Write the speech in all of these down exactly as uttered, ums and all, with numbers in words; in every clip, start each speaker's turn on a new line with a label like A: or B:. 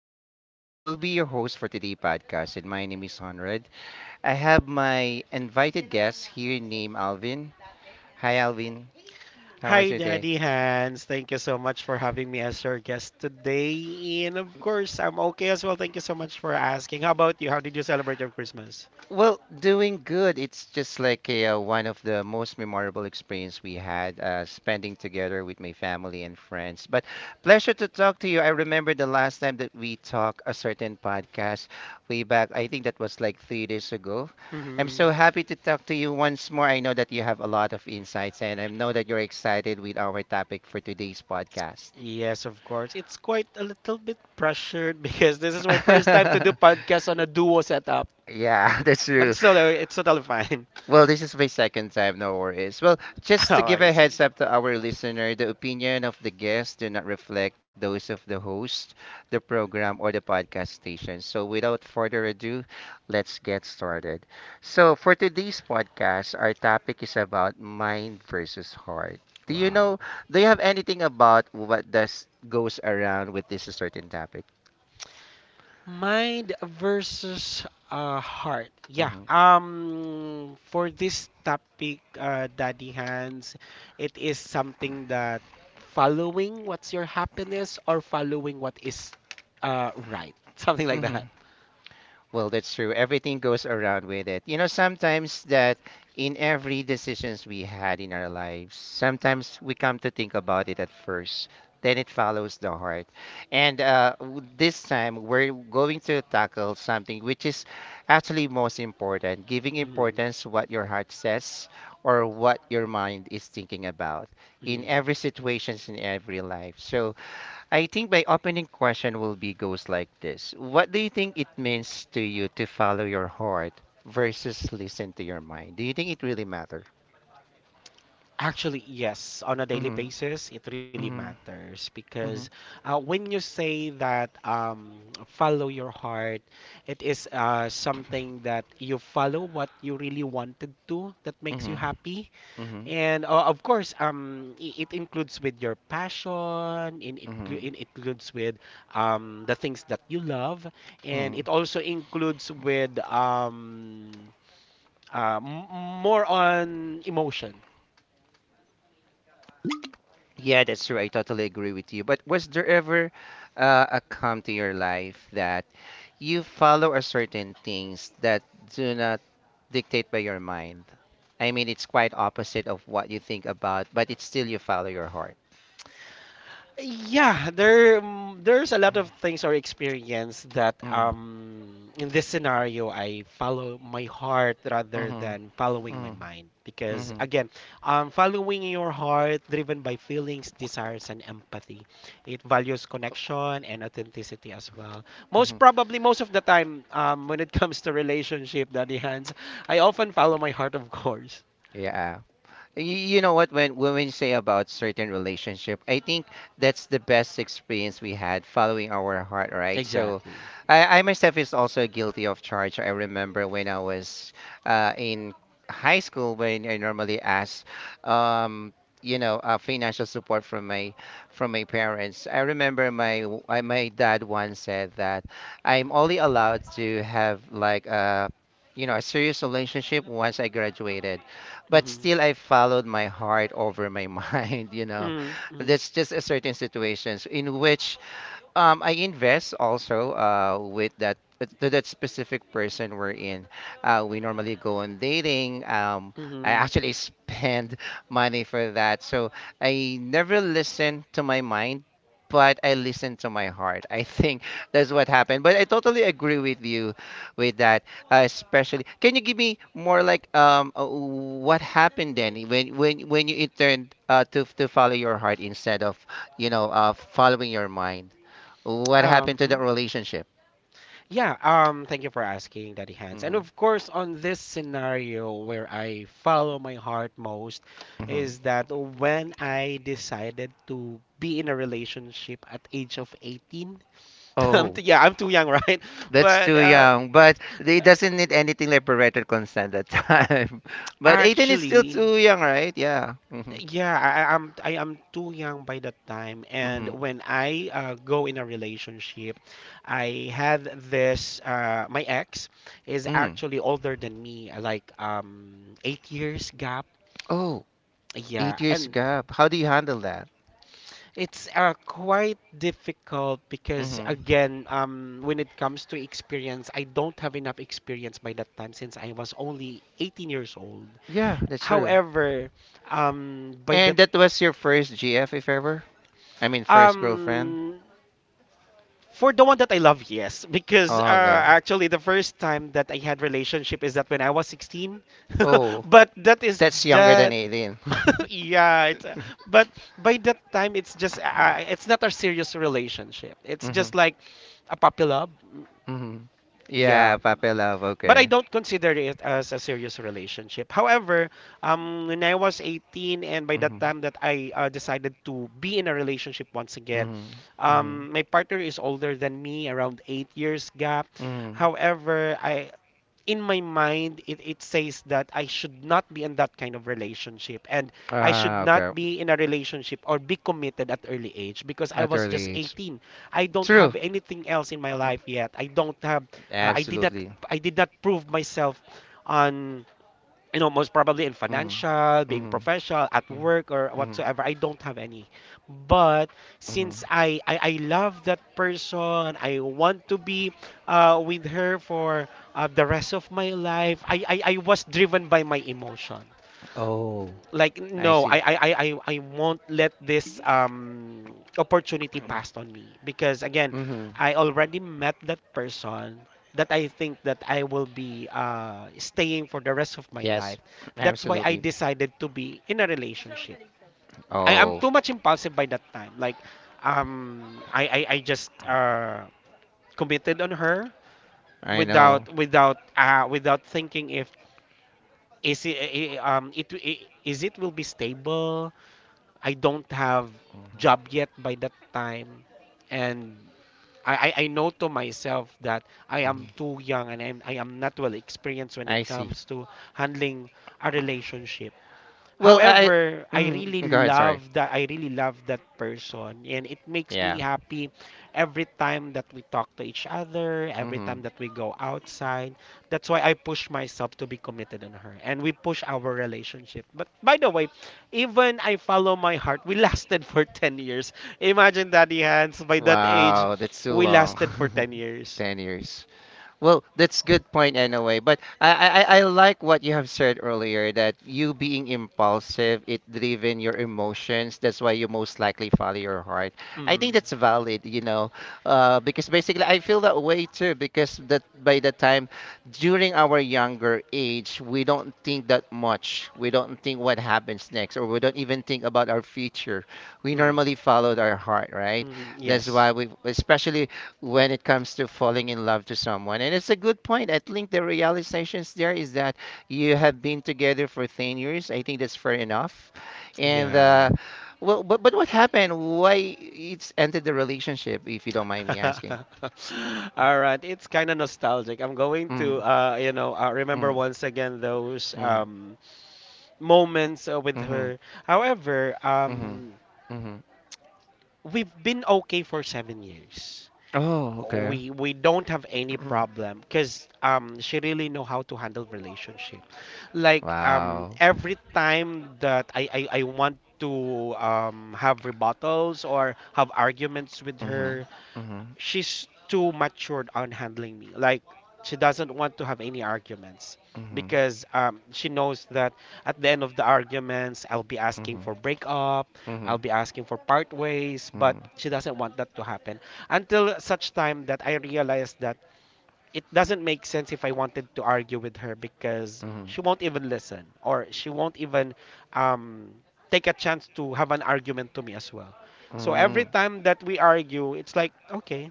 A: truly matter. I will be your host for today's podcast, and my name is Honrad. I have my invited guest here named Alvin. Hi, Alvin. How
B: Hi,
A: was your day?
B: Daddy Hans. Thank you so much for having me as your guest today. And of course, I'm okay as well. Thank you so much for asking. How about you? How did you celebrate your Christmas?
A: Well, doing good, it's just like a, uh, one of the most memorable experience we had, uh, spending together with my family and friends. But pleasure to talk to you. I remember the last time that we talked a certain podcast way back. I think that was like three days ago. I'm
B: Hmm.
A: so happy to talk to you once more. I know that you have a lot of insights, and I know that you're excited with our topic for today's podcast.
B: Yes, of course. It's quite a little bit pressured because this is my first time to do podcast on a duo setup.
A: Yeah, that's
B: But
A: true.
B: it's totally, it's totally fine.
A: Well, this is my second time, no worries. Well, just to
B: Oh,
A: give
B: I
A: a
B: see.
A: heads up to our listener, the opinion of the guests do not reflect those of the host, the program, or the podcast station. So, without further ado, let's get started. So, for today's podcast, our topic is about mind versus heart. Do you know?
B: Wow.
A: Do you have anything about what does goes around with this certain topic?
B: Mind versus uh, heart. Yeah.
A: Mm-hmm.
B: Um, for this topic, uh, Daddy Hands, it is something that following what's your happiness or following what is uh, right. Something like that.
A: Well, that's true. Everything goes around with it. You know, sometimes that in every decisions we had in our lives, sometimes we come to think about it at first, then it follows the heart. And uh, w- this time we're going to tackle something which is actually most important, giving
B: Mm,
A: importance what your heart says or what your mind is thinking about in every
B: mm.
A: situations in every life. So I think my opening question will be goes like this. What do you think it means to you to follow your heart versus listen to your mind? Do you think it really matter?
B: Actually, yes, on a daily
A: Mhm.
B: basis, it really
A: Mhm.
B: matters because
A: Mhm.
B: uh, when you say that um, follow your heart, it is uh, something that you follow what you really wanted to that makes you
A: Mhm.
B: happy.
A: Mhm.
B: And uh, of course, um, i- it includes with your passion, in it, clu-
A: Mhm.
B: it includes with um, the things that you love, and
A: Mhm.
B: it also includes with um, uh, m- more on emotion.
A: Yeah, that's true. I totally agree with you. But was there ever uh, a come to your life that you follow a certain things that do not dictate by your mind? I mean, it's quite opposite of what you think about, but it's still you follow your heart.
B: Yeah, there mm, there's a lot of things or experience that um in this scenario I follow my heart rather
A: Mm-hmm.
B: than following my
A: Mm-hmm.
B: mind because again, um following your heart driven by feelings, desires and empathy. It values connection and authenticity as well.
A: Mm-hmm.
B: Most probably most of the time um when it comes to relationship, Daddy Hands, I often follow my heart of course.
A: Yeah. Y- You know what? When when we say about certain relationship, I think that's the best experience we had following our heart, right? So,
B: Exactly.
A: I, I myself is also guilty of charge. I remember when I was uh, in high school when I normally ask, um, you know, uh, financial support from my from my parents. I remember my w- I- my dad once said that I'm only allowed to have like a you know a serious relationship once I graduated but
B: Mm-hmm.
A: still I followed my heart over my mind, you know.
B: Mm-hmm.
A: That's just a certain situations in which um, I invest also uh, with that to that specific person we're in. Uh, we normally go on dating. Um, I
B: Mm-hmm.
A: actually spend money for that. So I never listen to my mind, but I listen to my heart. I think that's what happened. But I totally agree with you with that, uh, especially. Can you give me more like um, uh, what happened then when when when you turned uh, to to follow your heart instead of you know uh, following your mind? What happened
B: Um,
A: to that
B: hmm
A: relationship?
B: Yeah, um, thank you for asking, Daddy Hans. And
A: Hmm.
B: of course, on this scenario where I follow my heart most
A: Hmm.
B: is that when I decided to be in a relationship at age of eighteen. I'm
A: Oh,
B: too, yeah, I'm too young, right?
A: that's
B: But
A: too
B: uh,
A: young, but they doesn't need anything like parental consent at that time. But eighteen is still
B: actually,
A: too young, right? Yeah. Hmm.
B: yeah, I, I- I'm I am too young by that time, and
A: Hmm.
B: when I uh, go in a relationship, I had this. Uh, my ex is
A: Mm.
B: actually older than me, like um eight years gap.
A: Oh,
B: Yeah,
A: eight years
B: and
A: gap. How do you handle that?
B: it's uh, quite difficult because
A: Hmm.
B: again, um, when it comes to experience, I don't have enough experience by that time since I was only eighteen years old.
A: Yeah, that's true.
B: However, um, by the
A: And that was your first G F, if ever? I mean, first girlfriend?
B: um For the one that I love, yes, because uh,
A: Oh, okay.
B: actually the first time that I had relationship is that when I was sixteen.
A: Oh,
B: But that is
A: that's younger than
B: the
A: eighteen.
B: yeah, it's uh, but by that time it's just uh, it's not a serious relationship. It's
A: Hmm.
B: just like a puppy love. Mm,
A: Hmm.
B: yeah,
A: Yeah, puppy love,
B: but I
A: okay.
B: don't consider it as a serious relationship. However, um, when I was eighteen and by
A: Hmm.
B: that time that I uh, decided to be in a relationship once again,
A: Hmm. Hmm.
B: um, my partner is older than me, around eight years gap.
A: Mm.
B: However, I in my mind it, it says that I should not be in that kind of relationship and I should
A: Ah,
B: not
A: okay.
B: be in a relationship or be committed at early age because I
A: At
B: was just
A: early age.
B: eighteen. I don't
A: True.
B: have anything else in my life yet. I don't have uh, I did not
A: Absolutely.
B: I did not prove myself on, you know, most probably in
A: Mm.
B: financial, being
A: Mm-hmm.
B: professional, at work or
A: Mm-hmm.
B: whatsoever. I don't have any. But
A: Mm-hmm.
B: since I, I, I love that person, I want to be uh, with her for uh, the rest of my life. I, I, I was driven by my emotion
A: Oh,
B: like
A: I
B: no, I,
A: see.
B: I i i I won't let this um opportunity pass on me because again
A: Mm-hmm.
B: I already met that person that I think that I will be uh staying for the rest of my
A: Yes,
B: life. That's why I
A: absolutely.
B: decided to be in a relationship. I am
A: Oh,
B: too much impulsive by that time like um i i, I just uh committed on her
A: I know.
B: without without uh without thinking if is it eh, eh, um it, it is it will be stable. I don't have job yet by that time, and I, I, I know to myself that I am
A: Hmm.
B: too young and I'm, I am not well experienced when it
A: I see.
B: comes to handling a relationship.
A: Well, I.
B: However, I really
A: Mm-hmm. Go ahead, sorry.
B: love that I really love that person and it makes me
A: Yeah.
B: happy every time that we talk to each other, every
A: Mm-hmm.
B: time that we go outside. That's why I push myself to be committed on her and we push our relationship. But by the way, even I follow my heart, we lasted for ten years. Imagine, Daddy Hans, by that age,
A: Wow, that's too
B: we
A: long.
B: lasted for ten years.
A: ten years. Well, that's good point anyway. But I, I, I I like what you have said earlier that you being impulsive, it driven your emotions. That's why you most likely follow your heart. I think
B: Mm,
A: that's valid, you know, uh, because basically I feel that way too. Because that by the time during our younger age, we don't think that much. We don't think what happens next, or we don't even think about our future. We
B: mm,
A: normally followed our heart, right?
B: mm,
A: That's
B: yes.
A: why we, especially when it comes to falling in love to someone. And it's a good point. I think the realizations there is that you have been together for ten years. I think that's fair enough. And
B: Yeah.
A: uh, Well, but but what happened? Why it's ended the relationship? If you don't mind me asking.
B: All right, it's kind of nostalgic. I'm going to,
A: Mm,
B: uh, you know, uh, remember
A: mm,
B: once again those
A: mm,
B: um, moments uh, with
A: mm-hmm,
B: her. However,
A: mm-hmm,
B: um,
A: mm-hmm.
B: we've been okay for seven years.
A: Oh, okay.
B: We we don't have any problem because um, she really know how to handle relationship. Like um,
A: Wow.
B: every time that I, I, I want to um, have rebuttals or have arguments with
A: Mm-hmm,
B: her,
A: mm-hmm,
B: she's too matured on handling me. Like she doesn't want to have any arguments
A: mm-hmm,
B: because um, she knows that at the end of the arguments, I'll be asking for
A: mm-hmm,
B: breakup,
A: mm-hmm,
B: I'll be asking for part ways, but
A: mm-hmm,
B: she doesn't want that to happen until such time that I realized that it doesn't make sense if I wanted to argue with her because
A: mm-hmm.
B: she won't even listen or she won't even um, take a chance to have an argument to me as well. So every
A: Mm-hmm.
B: time that we argue, it's like, okay,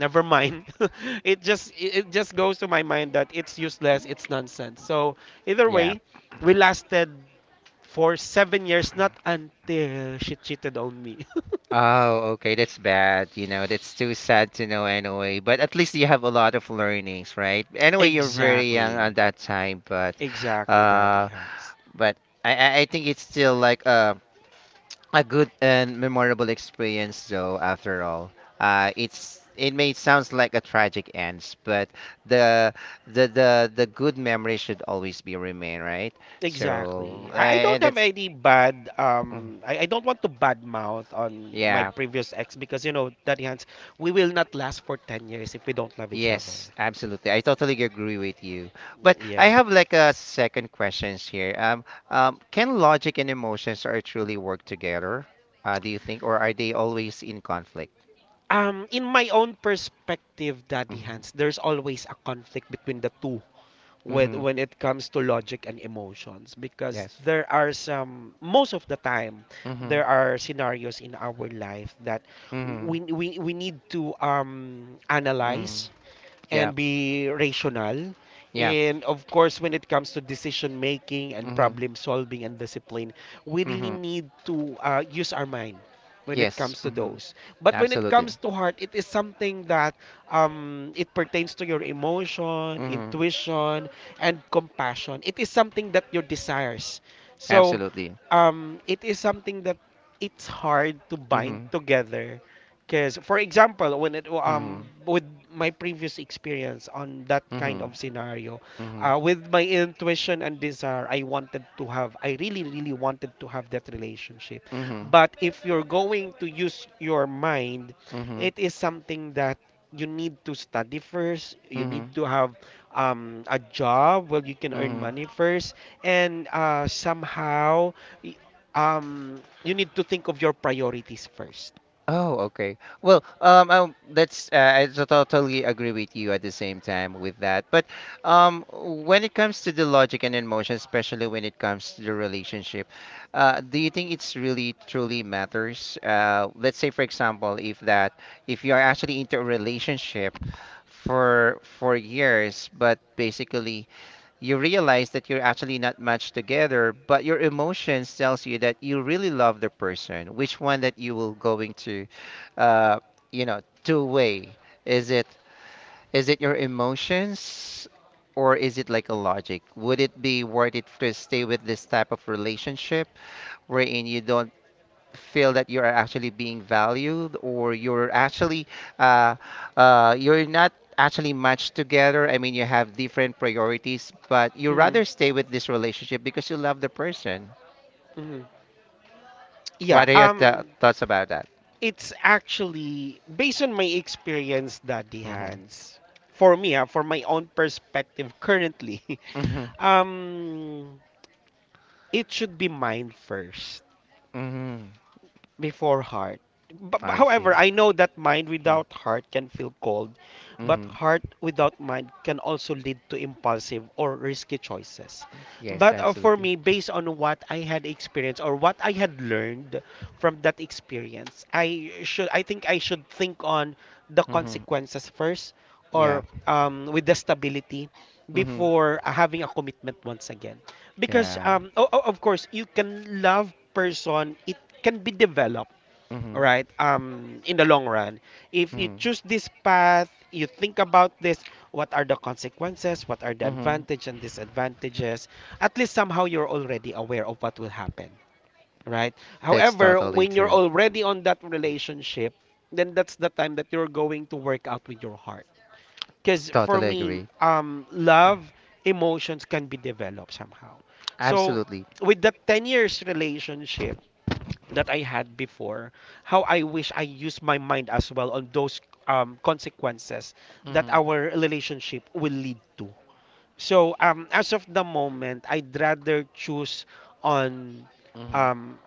B: never mind. it just it it just goes to my mind that it's useless, it's nonsense. So either
A: Yeah.
B: way, we lasted for seven years, not until she cheated on me.
A: Oh, okay, that's bad. You know, that's too sad to know anyway. But at least you have a lot of learnings, right? Anyway, you're very young
B: Exactly,
A: at that time, but
B: exactly, Daddy
A: uh
B: Hans.
A: but I I I think it's still like a a good and memorable experience though after all. Uh it's it may sounds like a tragic ends, but the the the the good memory should always be remain, right? So
B: Exactly. i, I
A: uh,
B: don't have
A: that's
B: any bad
A: mhm.
B: um I, I don't want to bad mouth on my
A: Yeah.
B: previous ex because, you know, Daddy Hans, we will not last for ten years if we don't love each other.
A: Yes, absolutely. I totally agree with you. But I
B: Yeah.
A: have like a second questions here. Um, um, can logic and emotions are truly work together? Uh, do you think, or are they always in conflict?
B: Um, in my own perspective, Daddy
A: Mm-hmm.
B: Hans, there's always a conflict between the two when
A: Mm-hmm.
B: when it comes to logic and emotions because
A: Yes.
B: there are some most of the time
A: Mm-hmm.
B: there are scenarios in our life that
A: Mm-hmm.
B: we we, we need to um
A: Mm-hmm.
B: analyze
A: Yeah.
B: and be rational.
A: Yeah.
B: And of course, when it comes to decision making and
A: Mm-hmm.
B: problem solving and discipline, we really
A: Mm-hmm.
B: need to uh, use our mind when it
A: Yes.
B: comes to
A: Mm-hmm.
B: those. But when it
A: Absolutely.
B: comes to heart, it is something that um, it pertains to your emotion,
A: Mm-hmm.
B: intuition, and compassion. It is something that your desires. So
A: Absolutely.
B: um, it is something that it's hard to bind
A: Mm-hmm.
B: together because, for example, when it
A: Mm-hmm.
B: um with my previous experience on that kind
A: Mm-hmm.
B: of scenario,
A: Mm-hmm.
B: uh, with my intuition and desire, I wanted to have, I really, really wanted to have that relationship.
A: Mm-hmm.
B: But if you're going to use your mind,
A: Mm-hmm.
B: it is something that you need to study first. You need
A: Mm-hmm.
B: to have um, a job where you can earn
A: Mm-hmm.
B: money first, and uh, somehow, y- um, you need to think of your priorities first.
A: Oh, okay. Well, um, um that's uh, I to- totally agree with you at the same time with that. But um, when it comes to the logic and emotion, especially when it comes to the relationship, uh, do you think it's really truly matters? Uh, let's say, for example, if that if you are actually into a relationship for for years, but basically you realize that you're actually not matched together but your emotions tells you that you really love the person which one that you will going to uh you know two way is it is it your emotions or is it like a logic would it be worth it to stay with this type of relationship wherein you don't feel that you are actually being valued or you're actually uh, uh, you're not actually matched together I mean you have different priorities but you
B: Mhm.
A: rather stay with this relationship because you love the person
B: Mhm. Yeah,
A: what are your th-
B: um,
A: thoughts about that
B: it's actually based on my experience, Daddy
A: mm-hmm.
B: Hans. For me, ah, for my own perspective currently,
A: Mm-hmm.
B: um, it should be mine first
A: Mm-hmm.
B: before heart. But, but
A: I see.
B: however, I know that mind without heart can feel cold, but
A: Mm-hmm.
B: heart without mind can also lead to impulsive or risky choices.
A: Yes,
B: But uh, for
A: absolutely.
B: me, based on what I had experienced or what I had learned from that experience, I should I think I should think on the
A: Mm-hmm.
B: consequences first
A: Yeah.
B: or um, with the stability
A: Mm-hmm.
B: before uh, having a commitment once again because
A: Yeah.
B: um o- o- of course you can love person, it can be developed, all
A: Mm-hmm.
B: right, um, in the long run. If you
A: Mm-hmm.
B: choose this path, you think about this, what are the consequences, what are the
A: Mm-hmm.
B: advantages and disadvantages, at least somehow you're already aware of what will happen, right?
A: That's
B: However,
A: totally
B: when you're
A: true.
B: already on that relationship, then that's the time that you're going to work out with your heart. Because for
A: Totally
B: me,
A: agree.
B: um, love, emotions can be developed somehow. So
A: Absolutely.
B: with that ten years relationship that I had before, how I wish I used my mind as well on those um, consequences that
A: Mm-hmm.
B: our relationship will lead to. So um, as of the moment, I'd rather choose on
A: Mm-hmm.
B: um,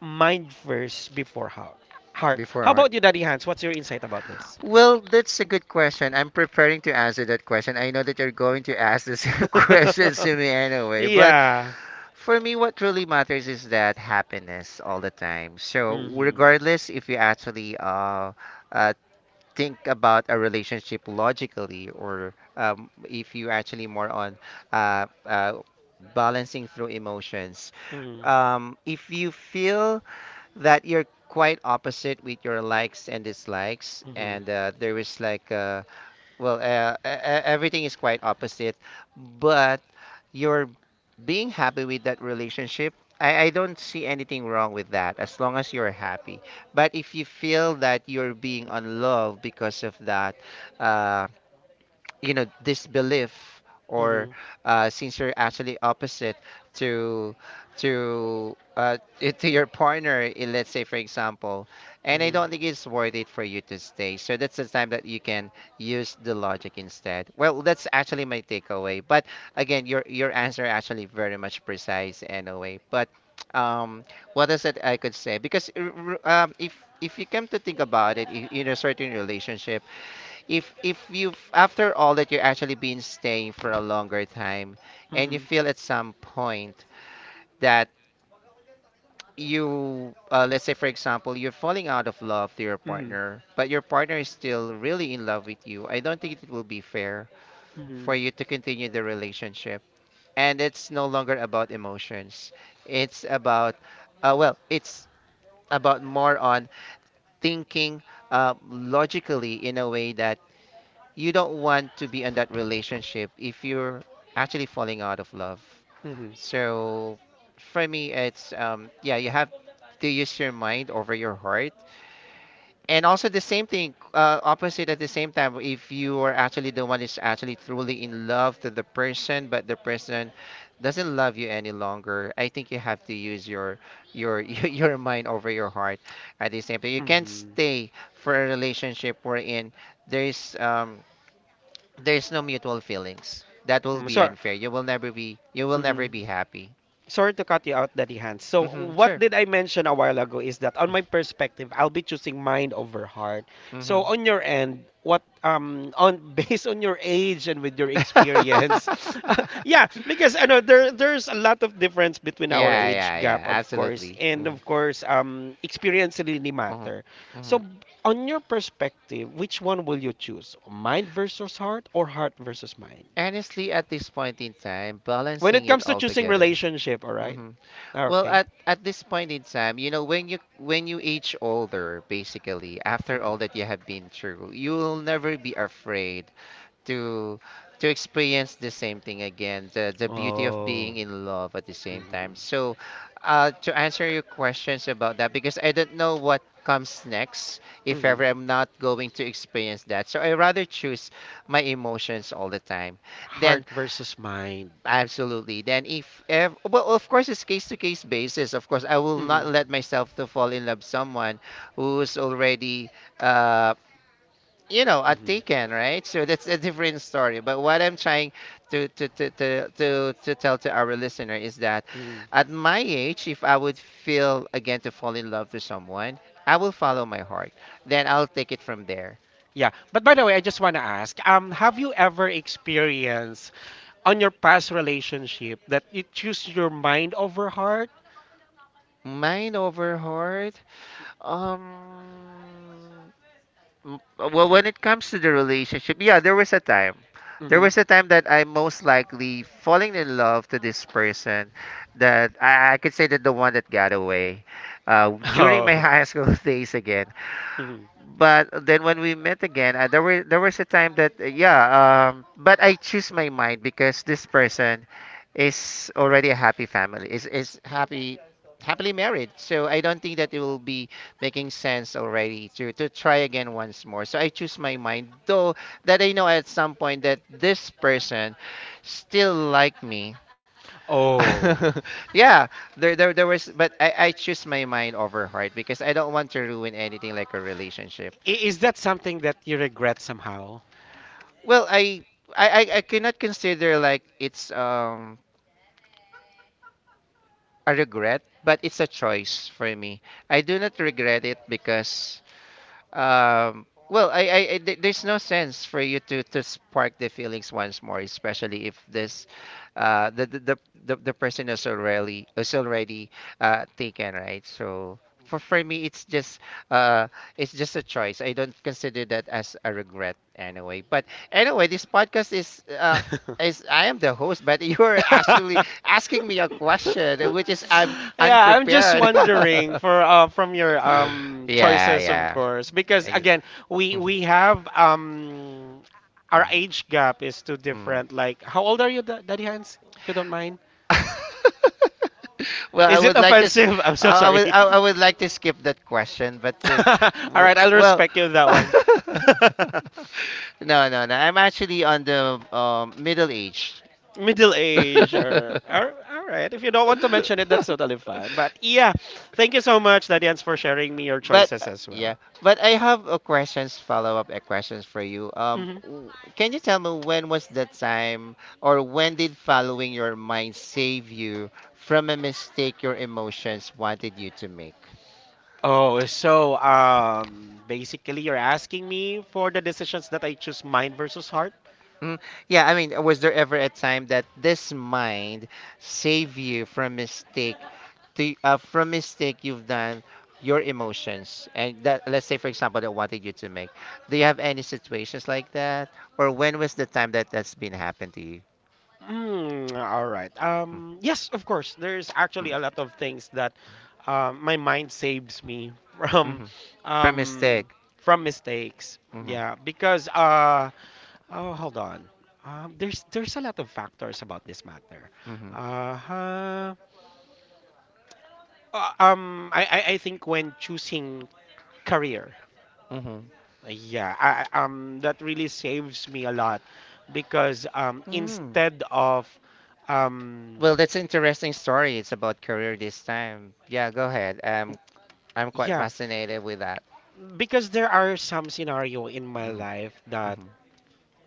B: mind first before heart. Heart. How
A: Before.
B: about you, Daddy Hans? What's your insight about this?
A: Well, that's a good question. I'm preparing to answer that question. I know that you're going to ask the same questions to me anyway. But
B: Yeah.
A: for me, what really matters is that happiness all the time. So,
B: Mm-hmm.
A: regardless if you actually uh, uh, think about a relationship logically, or um, if you actually more on uh, uh, balancing through emotions,
B: Mm-hmm.
A: um, if you feel that you're quite opposite with your likes and dislikes, and uh, there is like a well uh, e- e- everything is quite opposite but you're being happy with that relationship I, I don't see anything wrong with that as long as you're happy but if you feel that you're being unloved because of that uh, you know this belief or
B: Mm-hmm.
A: uh, since you're actually opposite to to uh, i- to your partner i- let's say for example and I
B: Mm-hmm.
A: don't think it's worth it for you to stay so that's the time that you can use the logic instead well that's actually my takeaway but again your your answer actually very much precise anyway but um what is it I could say because r- r- um, if if you come to think about it i- in a certain relationship if if you've after all that you're actually been staying for a longer time and you
B: Mm-hmm.
A: feel at some point that you uh, let's say for example you're falling out of love to your
B: Mm-hmm. Mm-hmm.
A: partner but your partner is still really in love with you I don't think it will be fair
B: Mm-hmm.
A: for you to continue the relationship and it's no longer about emotions it's about uh, well it's about more on thinking uh, logically in a way that you don't want to be in that relationship if you're actually falling out of love.
B: Mm-hmm.
A: So for me, it's um, yeah, you have to use your mind over your heart. And also the same thing, uh, opposite at the same time, if you are actually the one is actually truly in love to the person, but the person doesn't love you any longer, I think you have to use your your your mind over your heart at the same time. You can't
B: Mm-hmm.
A: stay for a relationship wherein there's um there's no mutual feelings. That will
B: Mm,
A: be
B: so,
A: unfair. You will never be you will never
B: mm-hmm.
A: be happy.
B: Sorry to cut you out, Daddy Hans. So,
A: Hmm,
B: what
A: sure.
B: did I mention a while ago is that on my perspective, I'll be choosing mind over heart.
A: Hmm.
B: So, on your end, what um on based on your age and with your experience, yeah, because I know there there's a lot of difference between our
A: Yeah,
B: age
A: yeah, yeah.
B: gap, of course,
A: Absolutely.
B: and
A: Hmm.
B: of course, um, experience really
A: Hmm.
B: matter.
A: Hmm.
B: So, on your perspective, which one will you choose, mind versus heart or heart versus mind?
A: Honestly, at this point in time,
B: When it
A: balancing
B: comes
A: it
B: to
A: all
B: choosing
A: together.
B: relationship, all right?
A: Hmm.
B: Ah,
A: Well,
B: okay.
A: at at this point in time, you know, when you when you age older, basically, after all
B: Mm-hmm.
A: that you have been through, you will never be afraid to to experience the same thing again, the the beauty of
B: Oh.
A: being in love at the same
B: Mhm,
A: time. So uh, to answer your questions about that, because I don't know what comes next if ever
B: mhm.
A: I'm not going to experience that, so I rather choose my emotions all the time, then
B: Heart versus mind.
A: absolutely. Then if ever, well, of course it's case to case basis. Of course I will
B: Hmm,
A: not let myself to fall in love someone who's already uh you know, a
B: hmm,
A: taken, right? So that's a different story. But what I'm trying to to to to to, to tell to our listener is that
B: hmm.
A: at my age, if I would feel again to fall in love to someone, I will follow my heart, then I'll take it from there.
B: Yeah, but by the way, I just want to ask, um, have you ever experienced on your past relationship that you choose your mind over heart?
A: Mind over heart. um w- well, when it comes to the relationship, yeah, there was a time, there
B: Hmm.
A: was a time that I most likely falling in love to this person, that i, I could say that the one that got away, uh, during my
B: Oh.
A: high school days. Again,
B: Mhm.
A: but then when we met again, uh, there were there was a time that uh, yeah, um, but I choose my mind because this person is already a happy family, is is happy, happily married. So I don't think that it will be making sense already to to try again once more. So I choose my mind, though that I know at some point that this person still like me.
B: Oh.
A: Yeah, there, there, there was. But I, I choose my mind over heart because I don't want to ruin anything like a relationship.
B: I- is that something that you regret somehow?
A: Well, I I I I cannot consider like it's um a regret, but it's a choice for me. I do not regret it because um, well, I, I, I- there- there's no sense for you to to spark the feelings once more, especially if this, uh, the the the, the the person is already is already uh taken, right? So for for me, it's just uh, it's just a choice. I don't consider that as a regret anyway. But anyway, this podcast is uh. is, I am the host, but you are actually asking me a question, which is I'm
B: Yeah, I'm just
A: unprepared.
B: wondering for uh, from your um
A: Yeah,
B: choices, of
A: yeah.
B: course, because
A: Ex-
B: again, we
A: Mhm,
B: we have um our
A: mhm,
B: age gap is too
A: mhm.
B: different. Like, how old are you, Da- Daddy Hans? If you don't mind,
A: Well, I
B: is it
A: would like to, sk-
B: offensive? I'm so
A: I I
B: sorry.
A: would, I I would like to skip that question, but uh,
B: All
A: w-
B: right, I'll
A: well,
B: respect you with that one.
A: no, no, no. I'm actually on the um, middle age.
B: Middle age, or, or all right, if you don't want to mention it, that's totally fine. But yeah, thank you so much, Daddy Hans, for sharing me your
A: But
B: choices
A: uh,
B: as
A: yeah,
B: well.
A: but I have a questions follow up uh, questions for you. Um,
B: Hmm.
A: w- can you tell me when was the time or when did following your mind save you from a mistake your emotions wanted you to make?
B: Oh, so um, basically, you're asking me for the decisions that I choose mind versus heart?
A: Mm, yeah, I mean, was there ever a time that this mind save you from mistake to uh, from mistake you've done your emotions and that, let's say for example that wanted you to make. Do you have any situations like that or when was the time that that's been happened to you?
B: Mm, all right.
A: Mm,
B: Um, yes, of course. There's actually a
A: mm,
B: lot of things that um, my mind saves me from
A: mm-hmm. From mistake.
B: um, from mistakes.
A: Mm-hmm.
B: Yeah, because uh, oh, hold on. Um, there's there's a lot of factors about this matter.
A: Mm-hmm.
B: Uh-huh. Uh, um, I, I I think when choosing career.
A: Mm-hmm.
B: Yeah, I, I- um, that really saves me a lot because um,
A: Mm.
B: instead of um,
A: Well, that's an interesting story. It's about career this time. Yeah, go ahead. Um, I'm quite
B: yeah,
A: fascinated with that.
B: because there are some scenario in my life
A: Mm-hmm.
B: that
A: Mm-hmm.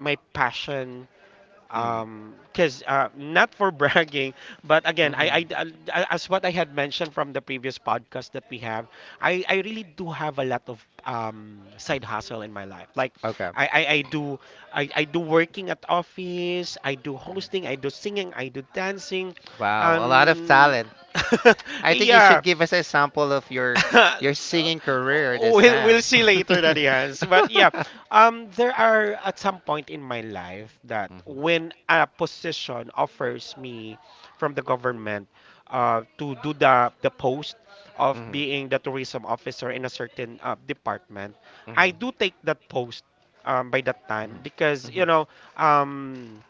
B: my passion
A: Mm-hmm.
B: um because uh not for bragging, but again,
A: Mm-hmm.
B: I, I uh, I- as what i had mentioned from the previous podcast that we have, i i really do have a lot of um side hustle in my life. Like,
A: Okay.
B: i i, I do I, I do working at office, i do hosting, i do singing, i do dancing.
A: Wow, a lot of
B: um
A: talent. I think you should
B: yeah.
A: give us a sample of your your
B: No,
A: singing career this
B: we'll we'll
A: time.
B: see later that he has. But yeah, um, there are at some point in my life that
A: Mhm,
B: when a position offers me from the government, uh, to do the the post of
A: mhm,
B: being the tourism officer in a certain uh, department, I
A: mhm,
B: do take that post. Um, by that time, because
A: mhm,
B: you
A: mhm,
B: know um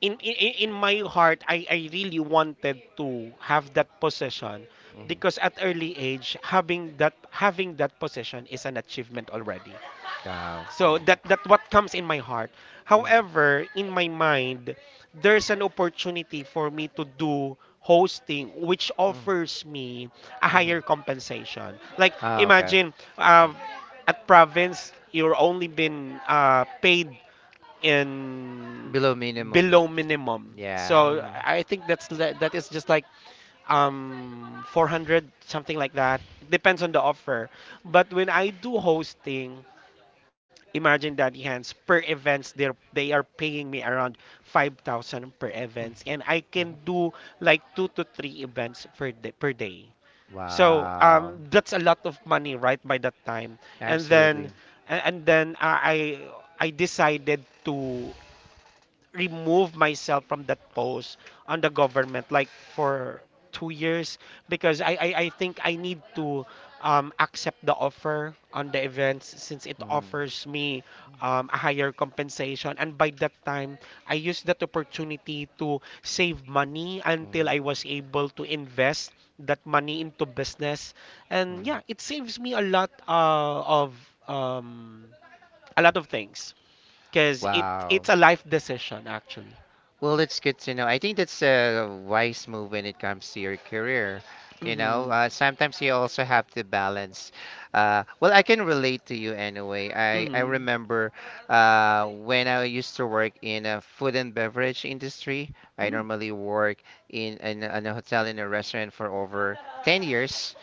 B: in in, in my heart, I, I really wanted to have that position.
A: mhm.
B: Because at early age, having that having that position is an achievement already,
A: Wow.
B: so that that what comes in my heart.
A: Mhm, mhm,
B: However, in my mind, there's an opportunity for me to do hosting, which
A: mhm,
B: offers me a
A: mhm.
B: higher compensation. Like,
A: Oh, okay.
B: imagine, uh, at province you're only been uh, paid in
A: Below minimum.
B: below minimum.
A: Yeah.
B: So
A: Mhm.
B: I think that's li- that is just like um four hundred something like that. It depends on the offer. But when I do hosting, imagine, Daddy Hands, per events they they are paying me around five thousand per events, and I can do like two to three events per day, per day. So
A: Wow.
B: um that's a lot of money, right, by that time. And
A: Absolutely.
B: then, a- and then I I I decided to remove myself from that post on the government, like, for two years, because I, I, I think I need to um, accept the offer on the events, since it
A: Mhm,
B: offers me um, a higher compensation. And by that time, I used that opportunity to save money until I
A: mhm,
B: was able to invest that money into business, and
A: mhm.
B: yeah, it saves me a lot uh, of um, a lot of things, because it
A: Wow.
B: it's a life decision actually.
A: Well, it's good to know. I think that's a wise move when it comes to your career. You know,
B: Mm-hmm.
A: uh, sometimes you also have to balance. Uh, well, I can relate to you anyway. I, I
B: Mm-hmm.
A: remember uh, when I used to work in a food and beverage industry. I
B: Mm.
A: normally work in, in, a- in a hotel in a restaurant for over ten years.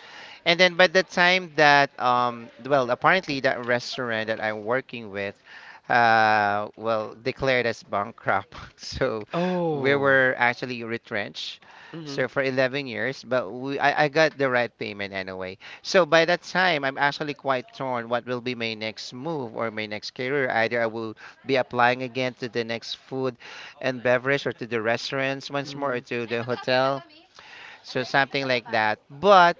A: And then by the time that um well, apparently that restaurant that I'm working with uh well declared as bankrupt. So we
B: Oh.
A: were actually retrenched.
B: Mm-hmm.
A: So for eleven years, but we I, I got the right payment anyway. So by that time, I'm actually quite torn what will be my next move or my next career. Either I will be applying again to the next food and beverage or to the restaurants once more
B: Mm-hmm.
A: or to the hotel. So something like that. But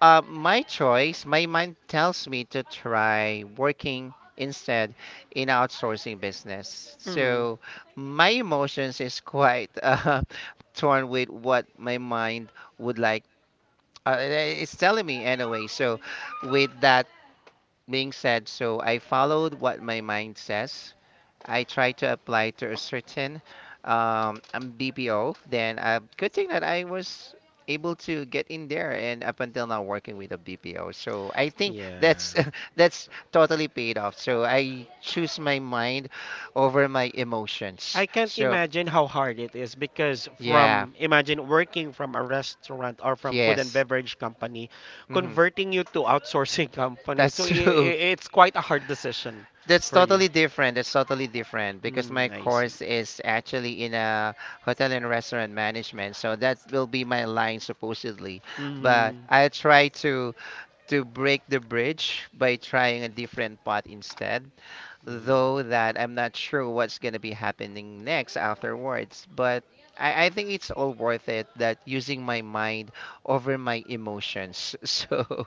A: uh, my choice, my mind tells me to try working instead in outsourcing business.
B: Mm-hmm.
A: So my emotions is quite uh, torn with what my mind would like. Uh, it's telling me anyway. So with that being said, so I followed what my mind says. I tried to apply to a certain um, um, B P O. Then uh, good thing that I was able to get in there and up until now working with a B P O. So I think that's
B: Yeah.
A: that's totally paid off. So I choose my mind over my
B: I
A: emotions.
B: can't
A: So
B: imagine how hard it is, because,
A: yeah,
B: from imagine, working from a restaurant or from food and
A: yes.
B: beverage company,
A: Hmm.
B: converting you to outsourcing company. So i
A: That's true.
B: i- it's quite a hard decision
A: That's
B: for you.
A: totally different. That's totally different because
B: Mm,
A: my
B: I see.
A: course is actually in a hotel and restaurant management. So that will be my line supposedly. But
B: Mm-hmm.
A: I try to to break the bridge by trying a different path instead,
B: Mm-hmm.
A: though that I'm not sure what's gonna be happening next afterwards. But I, I think it's all worth it that using my mind over my emotions. So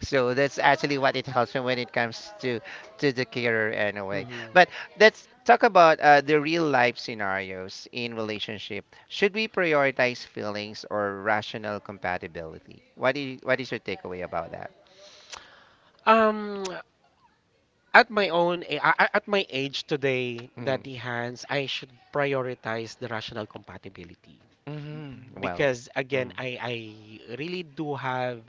A: so that's actually what it helps me when it comes to to the career anyway.
B: Mm-hmm.
A: But let's talk about uh, the real life scenarios in relationship. Should we prioritize feelings or rational compatibility? What do you, what is your takeaway about that?
B: Um, at my own, a- a- a- at my age today,
A: Mm-hmm.
B: Daddy Hans, I should prioritize the rational compatibility.
A: Well.
B: Because again,
A: Mm-hmm.
B: I I really do have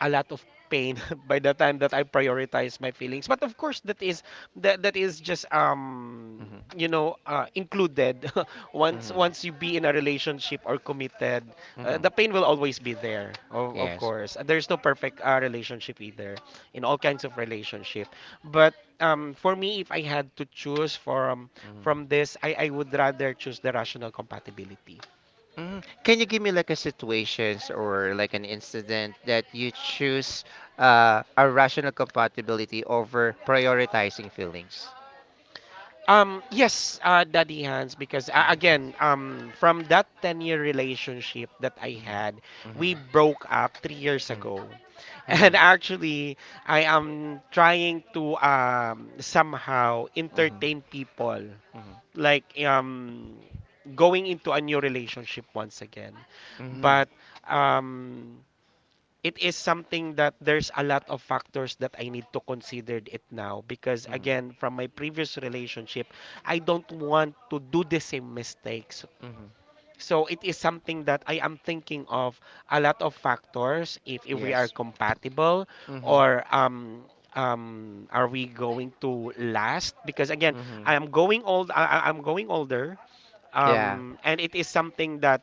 B: a lot of pain by the time that I prioritize my feelings. But of course, that is, that that is just um you know uh, included once
A: Mm-hmm.
B: once you be in a relationship or committed. uh,
A: Mm-hmm.
B: the pain will always be there, of, of
A: Yes.
B: course Uh, there's no perfect uh, relationship, either, in all kinds of relationship. But um for me, if I had to choose from from
A: Mm-hmm.
B: this, I I would rather choose the rational compatibility.
A: Hmm. Can you give me like a situations or like an incident that you choose uh, a rational compatibility over prioritizing feelings?
B: Um, yes, uh, Daddy Hans, because uh,
A: Mm-hmm.
B: again, um, from that ten-year relationship that I had,
A: Mm-hmm.
B: we broke up three years ago.
A: Mm-hmm. Mm-hmm.
B: And actually, I am trying to um, somehow
A: Mm-hmm.
B: entertain people, like, um, going into a new relationship once again.
A: Mm-hmm. Mm-hmm.
B: But um, it is something that there's a lot of factors that I need to consider it now, because again,
A: Mm-hmm.
B: from my previous relationship, I don't want to do the same mistakes.
A: Mm-hmm.
B: So it is something that I am thinking of, a lot of factors, if, if we are
A: Yes.
B: compatible,
A: Mm-hmm.
B: or um um are we going to last. Because again,
A: Mm-hmm.
B: I am going old I, I- I'm going older,
A: Yeah.
B: um and it is something that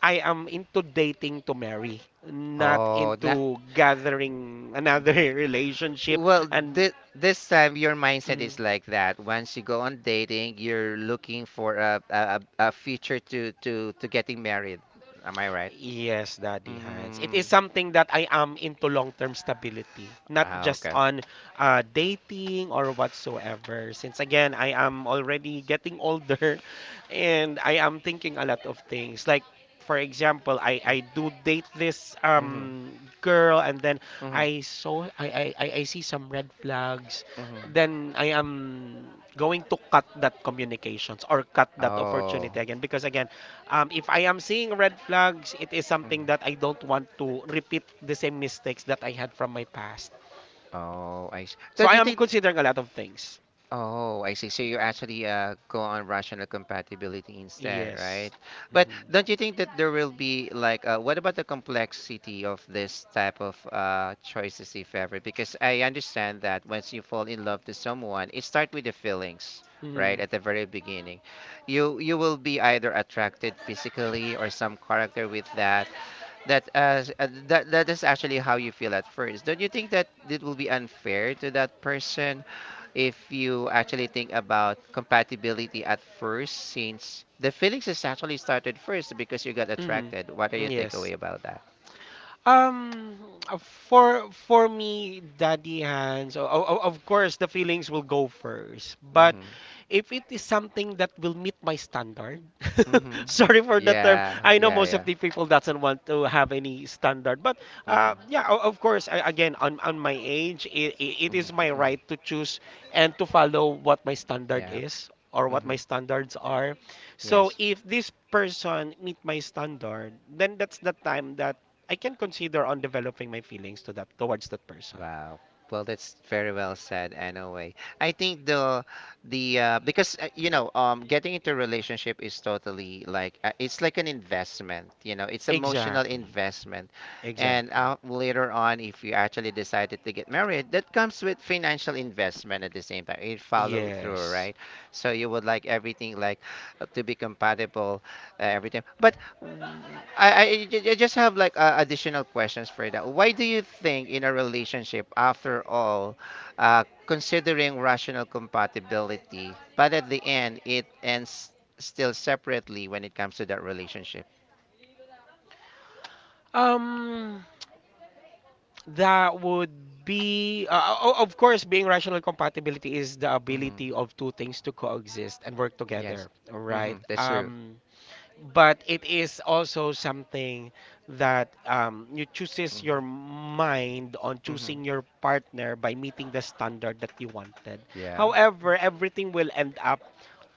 B: I am into dating to marry, not
A: Oh, not.
B: into gathering another relationship.
A: Well,
B: And
A: thi- this time your mindset
B: mm,
A: is like that. Once you go on dating, you're looking for a a, a a future to to to getting married. Am I right?
B: yes, Daddy Hans. It is
A: Mm.
B: something that I am into long-term stability, not
A: Ah,
B: just
A: okay.
B: on uh, dating or whatsoever. Since again, I am already getting older and I am thinking a lot of things. Like, for example, I, I do date this
A: Mhm.
B: um girl, and then
A: Mhm.
B: I saw I, I, I I see some red flags.
A: Mhm.
B: Then I am going to cut that communications or cut that
A: Oh.
B: opportunity again. Because again, um, if I am seeing red flags, it is something that I don't want to repeat the same mistakes that I had from my past.
A: Oh, I see.
B: So
A: So do
B: I
A: you
B: am
A: think.
B: considering a lot of things.
A: Oh, I see. So you actually uh, go on rational compatibility instead,
B: Yes.
A: right? But
B: Hmm,
A: don't you think that there will be like, uh, what about the complexity of this type of uh, choices, if ever? Because I understand that once you fall in love to someone, it starts with the feelings, right?
B: hmm,
A: At the very beginning, you you will be either attracted physically or some character with that. That uh, s- uh, that that is actually how you feel at first. Don't you think that it will be unfair to that person? If you actually think about compatibility at first, since the feelings is actually started first because you got
B: hmm.
A: attracted. What are your
B: Yes.
A: takeaway about that?
B: Um, for for me, Daddy Hands, o- o- of course, the feelings will go first. But
A: Mm-hmm.
B: if it is something that will meet my standard,
A: Mm-hmm.
B: sorry for the term.
A: Yeah,
B: I know
A: yeah,
B: most of
A: yeah.
B: the people doesn't want to have any standard, but uh,
A: Mm-hmm.
B: yeah, o- of course. I, again, on on my age, it, it is my right
A: Mm-hmm.
B: to choose, and to follow what my standard
A: Yeah.
B: is, or what
A: Mm-hmm.
B: my standards are. So
A: Yes.
B: if this person meet my standard, then that's the time that I can consider on developing my feelings to that towards that person.
A: Wow. Well, that's very well said, anyway. I think the the uh, because uh, you know, um, getting into a relationship is totally like uh, it's like an investment. You know, it's emotional
B: Exactly.
A: investment, and
B: Exactly.
A: uh, later on, if you actually decided to get married, that comes with financial investment at the same time. It follow through,
B: Yes.
A: right? So you would like everything like uh, to be compatible, uh, everything. But mm, I, I, ju- ju- just have like uh, additional questions for that. Why do you think in a relationship, after all, uh, considering rational compatibility, but at the end it ends still separately when it comes to that relationship?
B: Um, that would be, uh, o- of course, being rational compatibility is the
A: Hmm.
B: ability of two things to coexist and work
A: Yes.
B: together, right?
A: Hmm, that's true.
B: Um, but it is also something that, um, you chooses your mind on
A: Hmm.
B: choosing your partner by meeting the standard that you wanted.
A: Yeah.
B: However, everything will end up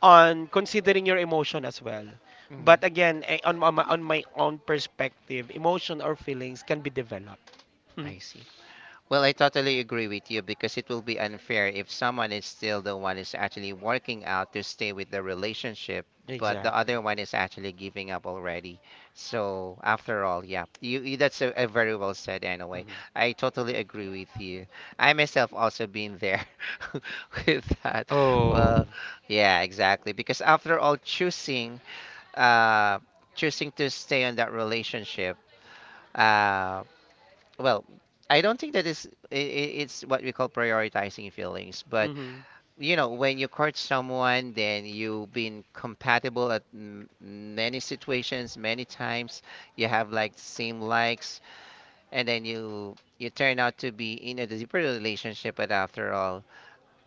B: on considering your emotion as well.
A: Hmm.
B: But again, eh, on, on, my, on my own perspective, emotion or feelings can be developed. Mhm.
A: I. Well, I totally agree with you because it will be unfair if someone is still the one is actually working out to stay with the relationship, but the
B: Exactly.
A: other one is actually giving up already. So after all, yeah, you, you that's a, a very well said anyway.
B: Mhm.
A: I totally agree with you. I myself also been there with that.
B: Oh.
A: Well, yeah, exactly. Because after all, choosing uh choosing to stay on that relationship um well i don't think that is i- i- it's what we call prioritizing feelings. But
B: Mhm.
A: you know when you court someone, then you've been compatible at m- many situations many times, you have like same likes, and then you you turn out to be in a deeper relationship. But after all,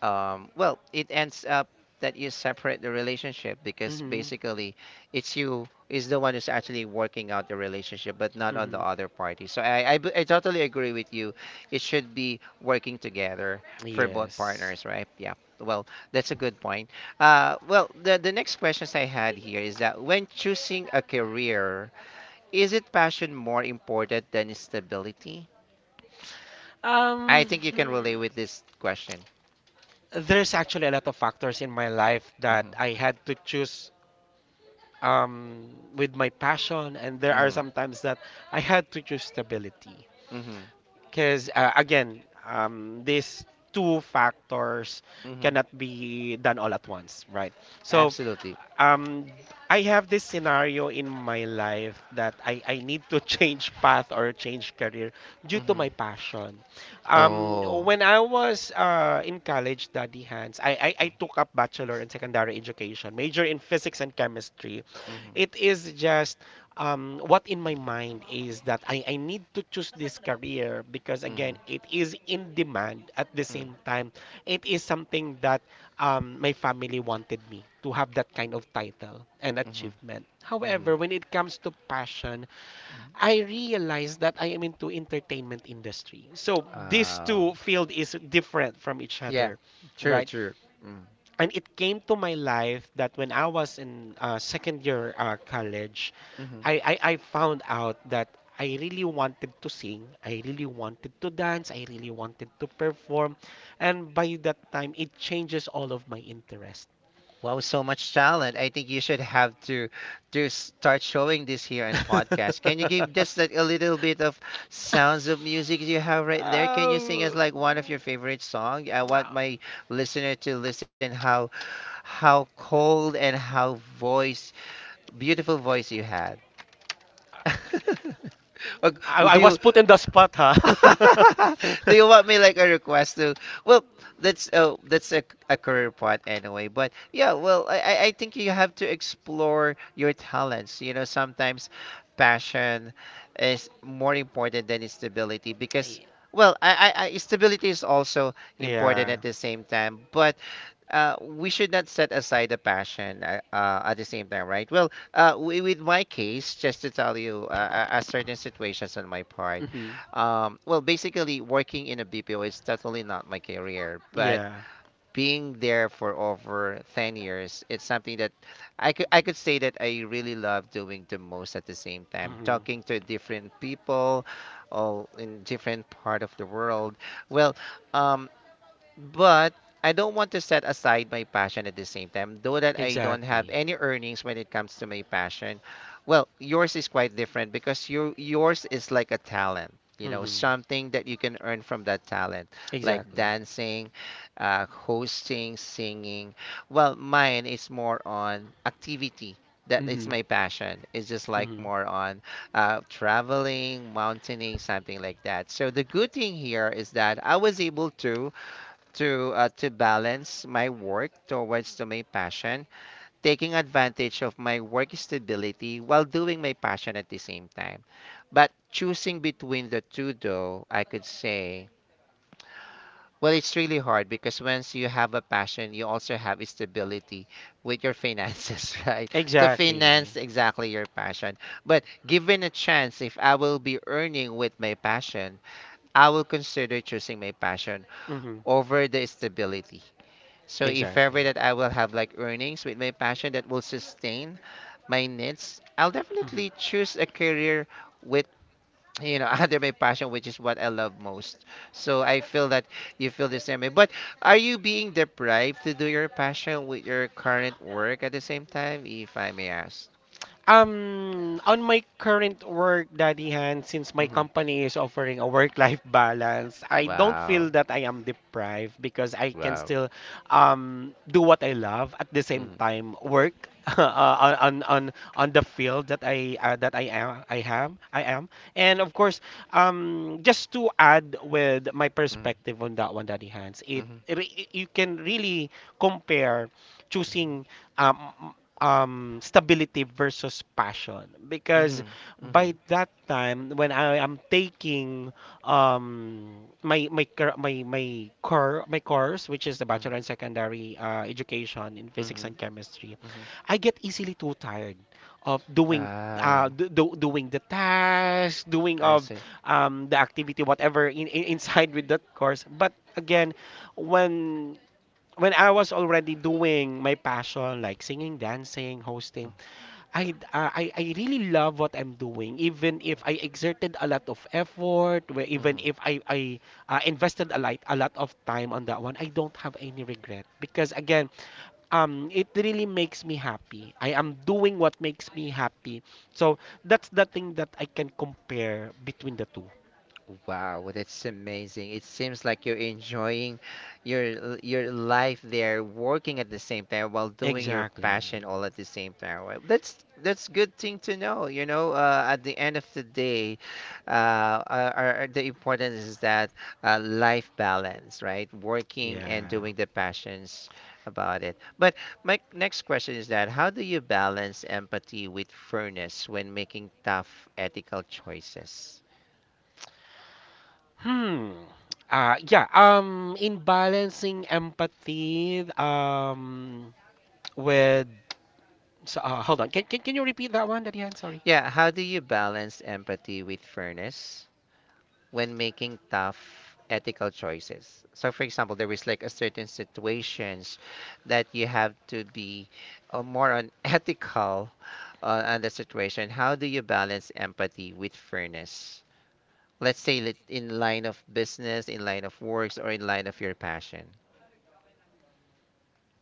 A: um, well, it ends up that you separate the relationship because
B: Mhm.
A: basically it's you is the one who's actually working out the relationship, but not on the
B: Mhm.
A: other party. So I, I, b- I totally agree with you. It should be working together for both
B: Yes.
A: partners, right? Yeah. Well, that's a good point. Uh, well, the, the next questions I had here is that when choosing a career, is it passion more important than stability? I
B: Um,
A: think you can relate
B: hmm,
A: with this question.
B: there's actually a lot of factors in my life
A: Hmm
B: that I had to choose, um, with my passion, and there are
A: hmm
B: sometimes that I had to choose stability.
A: hmm
B: Because uh, again, um, these two factors
A: hmm
B: cannot be done all at once, right? So
A: Absolutely.
B: um I have this scenario in my life that I, I need to change path or change career due to
A: Mm-hmm.
B: my passion. Um,
A: Oh.
B: when I was uh, in college, Daddy Hands, I, I, I took up bachelor in secondary education, major in physics and chemistry.
A: Mm-hmm.
B: It is just um, what in my mind is that I, I need to choose this career because,
A: Mm-hmm.
B: again, it is in demand at the same time. It is something that um, my family wanted me to have that kind of title and achievement.
A: Mm-hmm. Mm-hmm.
B: However, when it comes to passion, I realized that I am into entertainment industry. So these two
A: Wow.
B: field is different from each
A: Yeah,
B: other,
A: true,
B: right?
A: true. Mm.
B: And it came to my life that when I was in uh, second year uh, college,
A: Mm-hmm.
B: I, I I found out that I really wanted to sing, I really wanted to dance, I really wanted to perform, and by that time it changes all of my interests.
A: Wow, so much talent. I think you should have to to start showing this here in podcast. Can you give just like a little bit of sounds of music you have right there? Can you sing us
B: Um,
A: like one of your favorite song? I want my listener to listen how how cold and how voice beautiful voice you had. Or
B: I, I
A: do
B: was
A: you,
B: put in the spot, huh?
A: do you want me like a request to? Well, that's oh, that's a, a career path anyway. But yeah, well, I I I think you have to explore your talents. You know, sometimes passion is more important than stability because
B: Y-
A: well, I I, I stability is also important
B: yeah.
A: at the same time. But uh, we should not set aside the passion uh, uh, at the same time, right? Well, uh, wi- with my case, just to tell you, uh, a a certain situations on my part.
B: Hmm.
A: Um, well, basically, working in a B P O is totally not my career, but
B: Yeah.
A: being there for over ten years, it's something that I could I could say that I really love doing the most at the same time,
B: Hmm.
A: talking to different people, all in different part of the world. Well, um, but I don't want to set aside my passion at the same time, though that I don't have
B: Exactly.
A: any earnings when it comes to my passion. Well, yours is quite different because your yours is like a talent, you know,
B: Hmm.
A: something that you can earn from that talent, like
B: Exactly.
A: dancing, uh, hosting, singing. Well, mine is more on activity. That is
B: Hmm.
A: my passion. It's just like
B: Hmm.
A: more on uh, traveling, mountaineering, something like that. So the good thing here is that I was able to to uh, to balance my work towards to my passion, taking advantage of my work stability while doing my passion at the same time. But choosing between the two, though, I could say, well, it's really hard because once you have a passion, you also have stability with your finances, right? To
B: Exactly.
A: finance exactly your passion. But given a chance, if I will be earning with my passion, I will consider choosing my passion
B: Hmm.
A: over the stability, so if ever
B: Exactly.
A: that I will have like earnings with my passion that will sustain my needs, I'll
B: Hmm.
A: definitely choose a career with, you know, under my passion, which is what I love most. So I feel that you feel the same way. But are you being deprived to do your passion with your current work at the same time, if I may ask?
B: Um, on my current work, Daddy Han, since my
A: Hmm
B: company is offering a work-life balance, I don't
A: Wow.
B: feel that I am deprived, because I can
A: Wow.
B: still um, do what I love at the same
A: Mm-hmm.
B: time work uh, on, on on the field that I uh, that I am I am I am. And of course, um, just to add with my
A: Mm-hmm.
B: perspective on that one, Daddy Hans, it, it
A: Mm-hmm.
B: you can really compare choosing um, um stability versus passion because
A: Mm-hmm. Mm-hmm.
B: by that time when I am taking um my my cur- my my core my course which is the
A: Mm-hmm.
B: bachelor in secondary uh, education in physics and
A: Mm-hmm.
B: chemistry.
A: Mm-hmm.
B: I get easily too tired of doing uh
A: Ah,
B: do, do, doing the task doing
A: I
B: of
A: see.
B: um the activity whatever in, in inside with that course. But again, when when I was already doing my passion, like singing, dancing, hosting, I, uh, I, I really love what I'm doing. Even if I exerted a lot of effort, where even
A: Mm-hmm.
B: if I, I uh, invested a lot, a lot of time on that one, I don't have any regret. Because again, um, it really makes me happy. I am doing what makes me happy. So that's the thing that I can compare between the two.
A: Wow, well, that's amazing. It seems like you're enjoying your your life there, working at the same time while doing your
B: Exactly.
A: passion all at the same time. Well, That's that's good thing to know. You know, uh, at the end of the day, uh, are, are- the importance is that uh, life balance, right? Working and
B: Yeah.
A: doing the passions about it. But my next question is that how do you balance empathy with fairness when making tough ethical choices?
B: Hmm. Uh, yeah. Um, in balancing empathy, um, with so, uh, hold on. Can, can can you repeat that one, Daddy Han? Sorry.
A: Yeah, how do you balance empathy with fairness when making tough ethical choices? So, for example, there is like a certain situations that you have to be uh, more unethical uh, on the situation. How do you balance empathy with fairness? Let's say lit- in line of business, in line of works, or in line of your passion.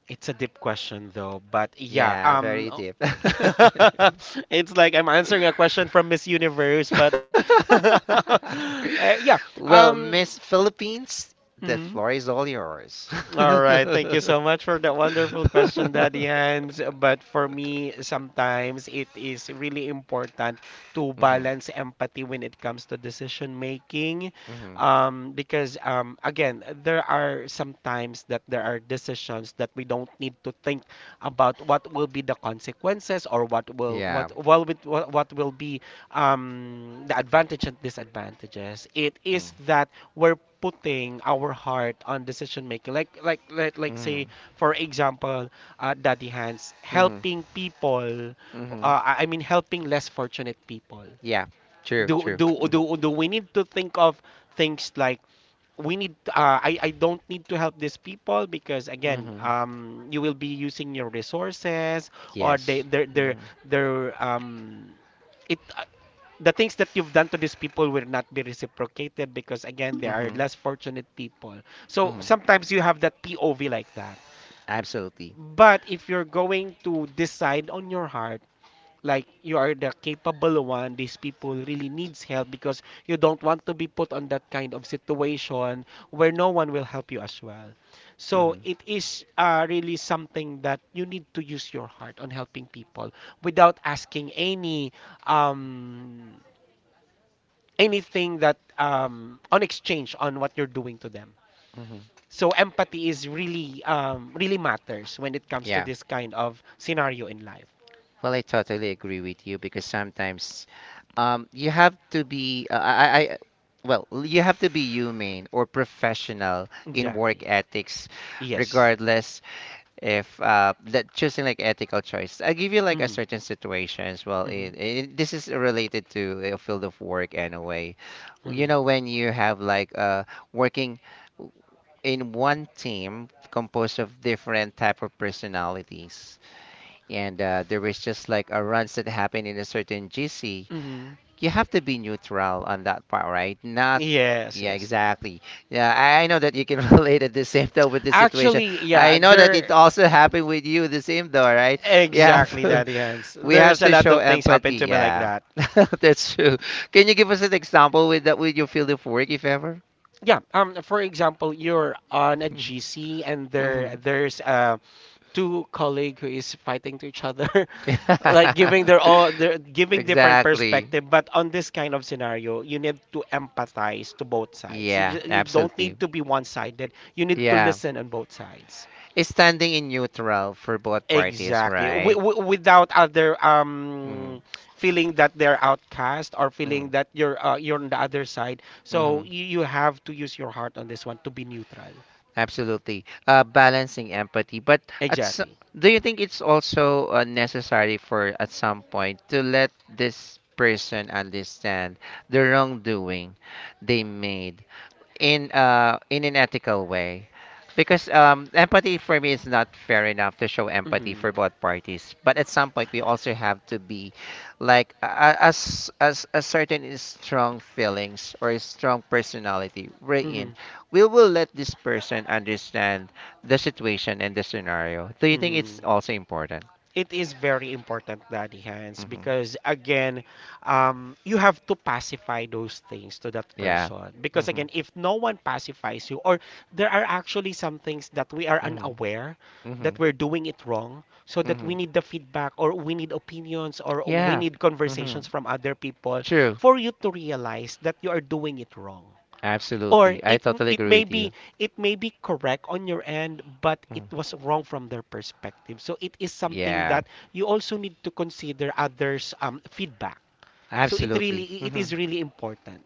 B: It's a deep question though, but yeah.
A: Yeah,
B: Um,
A: very
B: o-
A: deep.
B: it's like I'm answering a question from Miss Universe, but uh, yeah.
A: Well,
B: Um.
A: Miss Philippines, the floor is all yours.
B: All right, thank you so much for that wonderful question, Daddy Hans. But for me, sometimes it is really important to
A: Mhm,
B: balance empathy when it comes to decision making.
A: mhm.
B: Um, because, um, again, there are sometimes that there are decisions that we don't need to think about what will be the consequences, or what will
A: Yeah.
B: what well, what, what will be um, the advantage and disadvantages. It
A: Mm,
B: is that we're putting our heart on decision making. Like like like like say
A: mhm,
B: for example, uh, Daddy Hands
A: mhm,
B: helping people.
A: mhm.
B: Uh, I I mean helping less fortunate people.
A: Yeah. True,
B: Do
A: true.
B: do
A: Mhm,
B: do do we need to think of things like we need uh, I, I don't need to help these people because again,
A: mhm.
B: um, you will be using your resources, or they
A: Yes.
B: their their
A: Mhm,
B: their um it the things that you've done to these people will not be reciprocated because again they are
A: mhm,
B: less fortunate people, so
A: mhm.
B: sometimes you have that p o v like that.
A: Absolutely.
B: But if you're going to decide on your heart, like you are the capable one, these people really needs help because you don't want to be put on that kind of situation where no one will help you as well. So
A: Mhm,
B: it is uh, really something that you need to use your heart on helping people without asking any um anything that um, on exchange on what you're doing to them.
A: mhm.
B: So empathy is really um, really matters when it comes to
A: Yeah.
B: this kind of scenario in life.
A: Well, I totally agree with you because sometimes Um, you have to be, uh, I, I, I- well, you have to be humane or professional in
B: Exactly.
A: work ethics,
B: Yes.
A: regardless if uh, that choosing like ethical choice. I'll give you like a
B: Hmm.
A: certain situation as well.
B: Hmm.
A: In, in, this is related to a field of work anyway. You
B: Hmm.
A: know, when you have like uh, working in one team composed of different type of personalities, and uh, there was just like a runs that happened in a certain gc,
B: Hmm.
A: you have to be neutral on that part, right? Not
B: Yes,
A: yeah,
B: yes.
A: exactly. Yeah, I I know that you can relate at the same though with this situation.
B: Actually, yeah,
A: I know that it
B: there
A: also happened with you the same though, right? You have
B: exactly,
A: to,
B: Daddy Hans.
A: we have
B: There's a
A: to
B: lot
A: show
B: of things happen
A: empathy.
B: to me like
A: Yeah,
B: that.
A: that's true. Can you give us an example with that with your field of work, if ever?
B: Yeah, um for example, you're on a G C and
A: hmm
B: there there's a two colleague who is fighting to each other like giving their own, their giving different
A: exactly.
B: perspective, but on this kind of scenario you need to empathize to both sides. you,
A: Yeah,
B: ju- you don't need
A: absolutely.
B: to be one-sided, you need to
A: Yeah,
B: listen on both sides.
A: it's standing in neutral for both parties,
B: exactly w-
A: right?
B: w- without other
A: hmm
B: um feeling that they're outcast, or
A: hmm
B: feeling that you're uh, you're on the other side, so
A: hmm
B: you, you have to use your heart on this one to be neutral.
A: Absolutely. Uh, balancing empathy. But at s
B: Exactly.
A: do you think it's also uh, necessary for at some point to let this person understand the wrongdoing they made in uh in an ethical way, because um empathy for me is not fair enough to show empathy
B: Hmm.
A: for both parties, but at some point we also have to be like a- as as a certain is strong feelings or a strong personality we're
B: Hmm.
A: in, we will let this person understand the situation and the scenario. Do you think it's
B: Hmm.
A: also important?
B: It is very important, Daddy Hans,
A: Hmm
B: because again, um, you have to pacify those things to that
A: yeah
B: person. Because
A: hmm
B: again, if no one pacifies you, or there are actually some things that we are
A: hmm
B: unaware that
A: hmm
B: we're doing it wrong, so that we
A: hmm
B: need the feedback, or we need opinions, or we
A: yeah
B: need
A: hmm
B: conversations from other people
A: true.
B: for you to realize that you are doing it wrong, or
A: Absolutely. I
B: it
A: totally
B: it
A: agree
B: may
A: with you.
B: be it may be correct on your end but it
A: Mm-hmm.
B: was wrong from their perspective, so it is something
A: Yeah,
B: that you also need to consider others um, feedback. So it
A: absolutely.
B: really it
A: Hmm
B: is really important.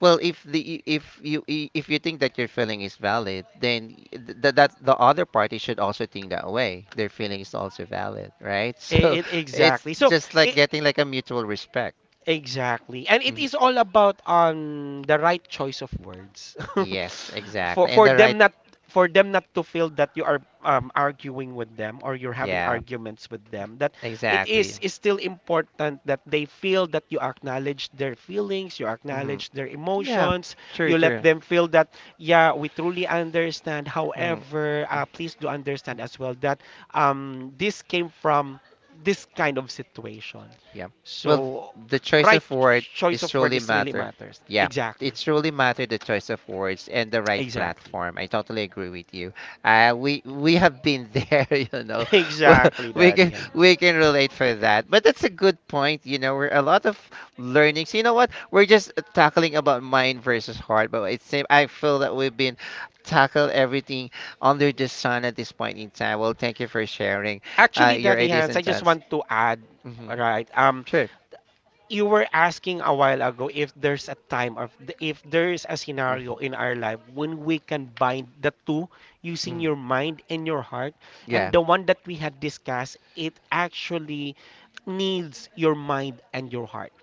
A: Well, if the if you i- if you think that your feeling is valid, then th that the other party should also think that way. Their feeling is also valid, right?
B: E-
A: So
B: it-
A: it's
B: exactly, so
A: just like
B: I
A: getting like a mutual respect.
B: Exactly. And it
A: Mhm.
B: is all about um the right choice of words.
A: Yes,
B: For
A: exactly. And
B: for
A: the
B: them
A: right,
B: not for them not to feel that you are um, arguing with them, or you're having
A: yeah,
B: arguments with them, that it
A: exactly.
B: is is still important that they feel that you acknowledge their feelings, you
A: hmm
B: acknowledge their
A: Yeah,
B: emotions,
A: true,
B: you let
A: true.
B: them feel that, yeah, we truly understand.
A: Mhm.
B: However, uh, please do understand as well that um this came from this kind of situation.
A: Yeah. Well,
B: So
A: the choice
B: right
A: of word
B: choice
A: is
B: of word
A: truly
B: is really
A: matter.
B: matters.
A: Yeah.
B: Exactly.
A: It truly matter the choice of words and the right
B: Exactly.
A: platform. I totally agree with you. Uh, we we have been there, you know. Well,
B: Exactly,
A: we
B: Daddy
A: can
B: Hands.
A: we can relate for that. But that's a good point. You know, we're a lot of learnings. You know what? We're just tackling about mind versus heart. But it's same. I feel that we've been tackle everything under the sun at this point in time. Well, thank you for sharing uh,
B: Actually,
A: your
B: Daddy
A: ideas
B: Hands, I
A: and
B: just
A: thoughts.
B: want to add,
A: Hmm
B: right? Um,
A: Sure.
B: you were asking a while ago if there's a time of if there's a scenario
A: Mm-hmm.
B: in our life when we can bind the two using
A: Mhm.
B: your mind and your heart,
A: Yeah.
B: and the one that we had discussed, it actually needs your mind and your heart.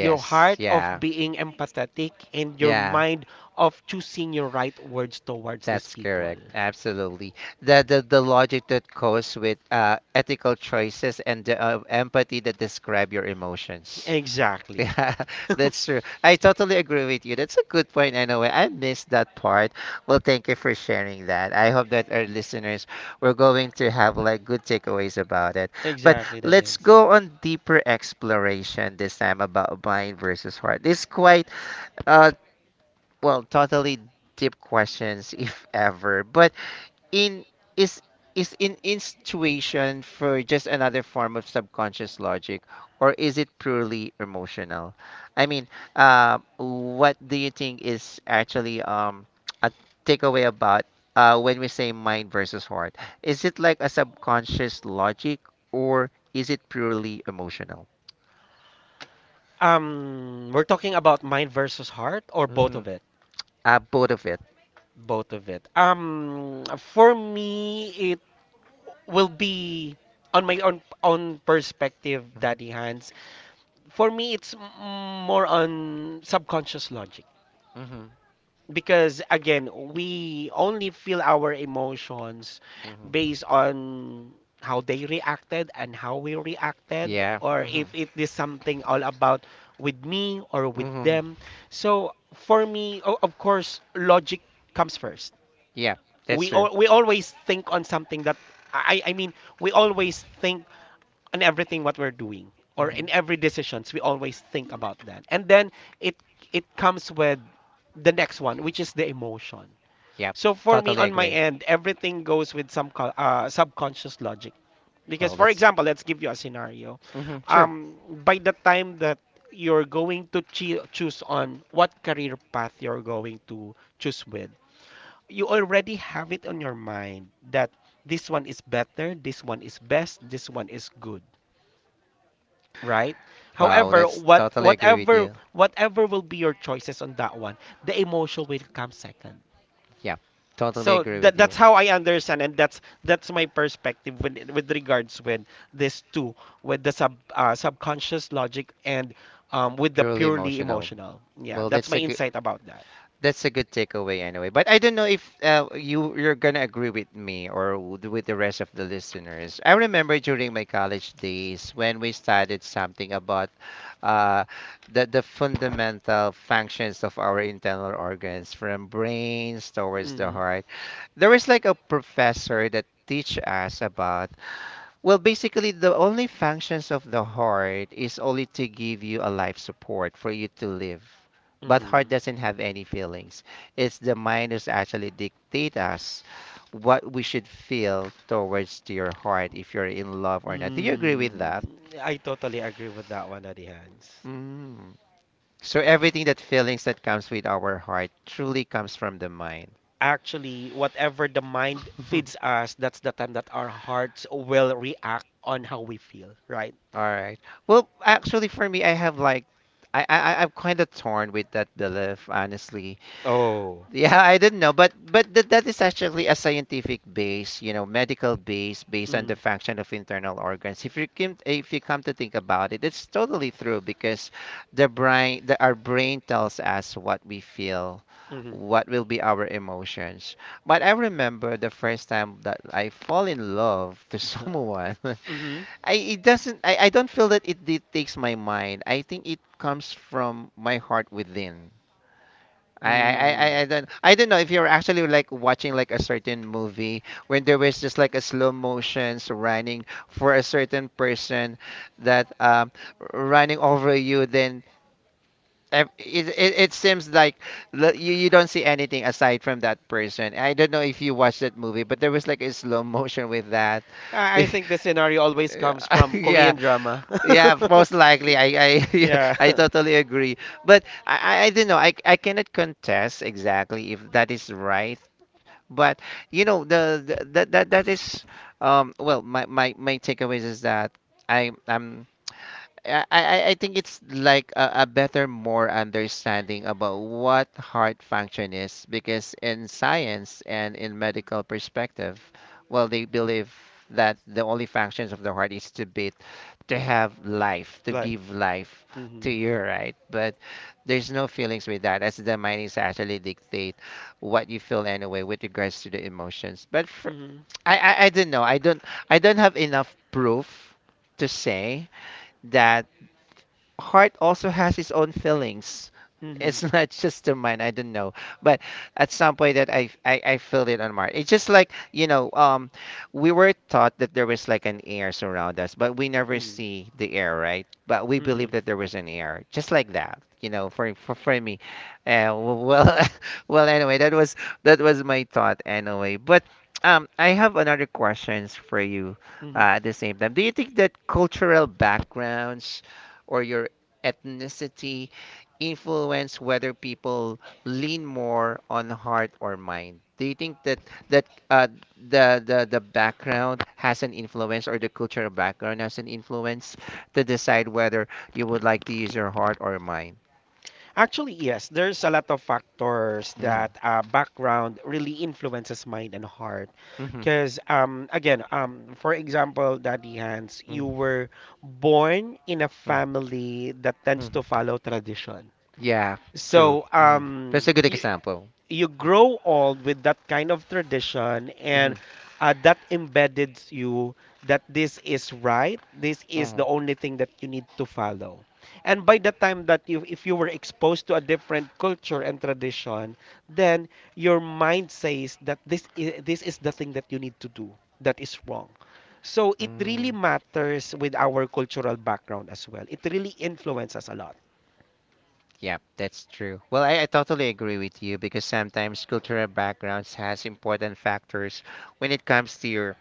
B: Your heart of
A: Yeah.
B: being empathetic, and your
A: Yeah.
B: mind of choosing your right words towards these
A: That's
B: people.
A: correct. Absolutely. The the the logic that goes with uh, ethical choices and the uh, empathy that describe your emotions.
B: Exactly.
A: Yeah, that's true. I totally agree with you. That's a good point. I know I missed that part. Well, thank you for sharing that. I hope that our listeners were going to have like good takeaways about it. But
B: Exactly, that
A: let's
B: is.
A: go on deeper exploration this time about mind versus heart. It's quite uh, well, totally deep questions, if ever. But in is is in intuition for just another form of subconscious logic, or is it purely emotional? I mean, uh, what do you think is actually um a takeaway about uh when we say mind versus heart? Is it like a subconscious logic, or is it purely emotional?
B: Um, we're talking about mind versus heart or both
A: Mm-hmm.
B: of it?
A: Uh, both of it.
B: Both of it. Um, for me, it will be on my own own perspective, Daddy Hans. For me, it's m- more on subconscious logic
A: Mm-hmm.
B: because again we only feel our emotions
A: Mm-hmm.
B: based on how they reacted and how we reacted,
A: Yeah.
B: or
A: Mm-hmm.
B: if it is something all about with me or with
A: Mm-hmm.
B: them. So for me, o- of course, logic comes first.
A: Yeah, that's
B: we
A: true.
B: al- we always think on something that, i I mean, we always think on everything what we're doing, or in
A: Hmm
B: every decisions we always think about that, and then it it comes with the next one, which is the emotion.
A: Yeah,
B: So for me,
A: totally
B: on my
A: agree.
B: end, everything goes with some co- uh, subconscious logic. Because,
A: Well,
B: for
A: that's
B: example, let's give you a scenario.
A: hmm sure.
B: Um, by the time that you're going to choo- choose on what career path you're going to choose with, you already have it on your mind that this one is better, this one is best, this one is good, right?
A: Wow,
B: However,
A: that's
B: what
A: totally agree with
B: whatever
A: you.
B: whatever will be your choices on that one, the emotion will come second.
A: Yeah, totally
B: So
A: agree
B: that
A: with you.
B: that's how I understand, and that's that's my perspective with with regards with this two, with the sub uh, subconscious logic, and um, with the
A: Purely
B: purely
A: emotional.
B: emotional. Yeah,
A: Well,
B: that's
A: that's
B: my
A: a good
B: insight about that.
A: that's a good takeaway anyway. But I don't know if uh, you you're gonna agree with me or w- with the rest of the listeners. I remember during my college days when we studied something about uh, the the fundamental functions of our internal organs, from brains towards the
B: Mm-hmm.
A: heart. There is like a professor that teach us about well basically the only functions of the heart is only to give you a life support for you to live, but heart
B: Mm-hmm.
A: doesn't have any feelings. It's the mind is actually dictate us what we should feel towards to your heart if you're in love or not. Do you agree with that?
B: Mm, I totally agree with that one, Adihans.
A: Mm. So everything that feelings that comes with our heart truly comes from the mind.
B: Actually, whatever the mind feeds us, that's the time that our hearts will react on how we feel, right?
A: All right. Well, actually, for me, I have like, I I I- I'm kind of torn with that belief, honestly.
B: Oh.
A: Yeah, I didn't know, but but that that is actually a scientific base, you know, medical base based on
B: Mm,
A: the function of internal organs. If you can, if you come to think about it, it's totally true because the brain, the, our brain tells us what we feel.
B: mm-hmm.
A: What will be our emotions? But I remember the first time that I fall in love to someone.
B: Mm-hmm.
A: I it doesn't I, I don't feel that it, it takes my mind. I think it comes from my heart within. I, I, I,
B: Mm.
A: I I don't I don't know if you're actually like watching like a certain movie when there was just like a slow motions running for a certain person that um running over you then ev- it, it, it seems like l- you, you don't see anything aside from that person. I don't know if you watched that movie but there was like a slow motion with that.
B: I I think the scenario always comes from
A: yeah,
B: Korean drama.
A: yeah, most likely. I I
B: Yeah,
A: I totally agree. But I I I don't know. I I cannot contest exactly if that is right. But you know the, the that that that is um well my my my takeaways is that I I'm I, I I- think it's like a, a better, more understanding about what heart function is because in science and in medical perspective, well, they believe that the only functions of the heart is to beat, to have life, to
B: like.
A: give life to
B: Hmm.
A: you, right? But there's no feelings with that, as the mind is actually dictate what you feel anyway with regards to the emotions. But fr
B: Hmm.
A: I, I I don't know. I don't I don't have enough proof to say that heart also has its own feelings.
B: Hmm.
A: It's not just the mind. I don't know, but at some point that I I, I feel it on my. It's just like you know, um, we were taught that there was like an air surround us, but we never
B: Hmm.
A: see the air, right? But we
B: Hmm.
A: believe that there was an air, just like that. You know, for for, for me, uh, well, well, anyway, that was that was my thought anyway. But um, I have another questions for you
B: Hmm.
A: uh, at the same time. Do you think that cultural backgrounds or your ethnicity influence whether people lean more on heart or mind? Do you think that that uh, the the the background has an influence or the cultural background has an influence to decide whether you would like to use your heart or mind?
B: Actually, yes, there's a lot of factors
A: Mm-hmm.
B: that uh, background really influences mind and heart.
A: Mm-hmm.
B: Because, um, again, um, for example, Daddy Hans, you
A: Mm-hmm.
B: were born in a family that tends to
A: Mm-hmm.
B: follow tradition.
A: Yeah, true.
B: So,
A: Mm. That's
B: um,
A: a good
B: you,
A: example.
B: you grow old with that kind of tradition,
A: Mm-hmm.
B: and uh, that embedded you that this is right, this is
A: Mm-hmm.
B: the only thing that you need to follow. And by the time that you if you were exposed to a different culture and tradition, then your mind says that this is, this is the thing that you need to do, that is wrong. So it really
A: Mm-hmm.
B: matters with our cultural background as well, it really influences us a lot.
A: Yeah, that's true. Well, I, I totally agree with you because sometimes cultural backgrounds has important factors when it comes to your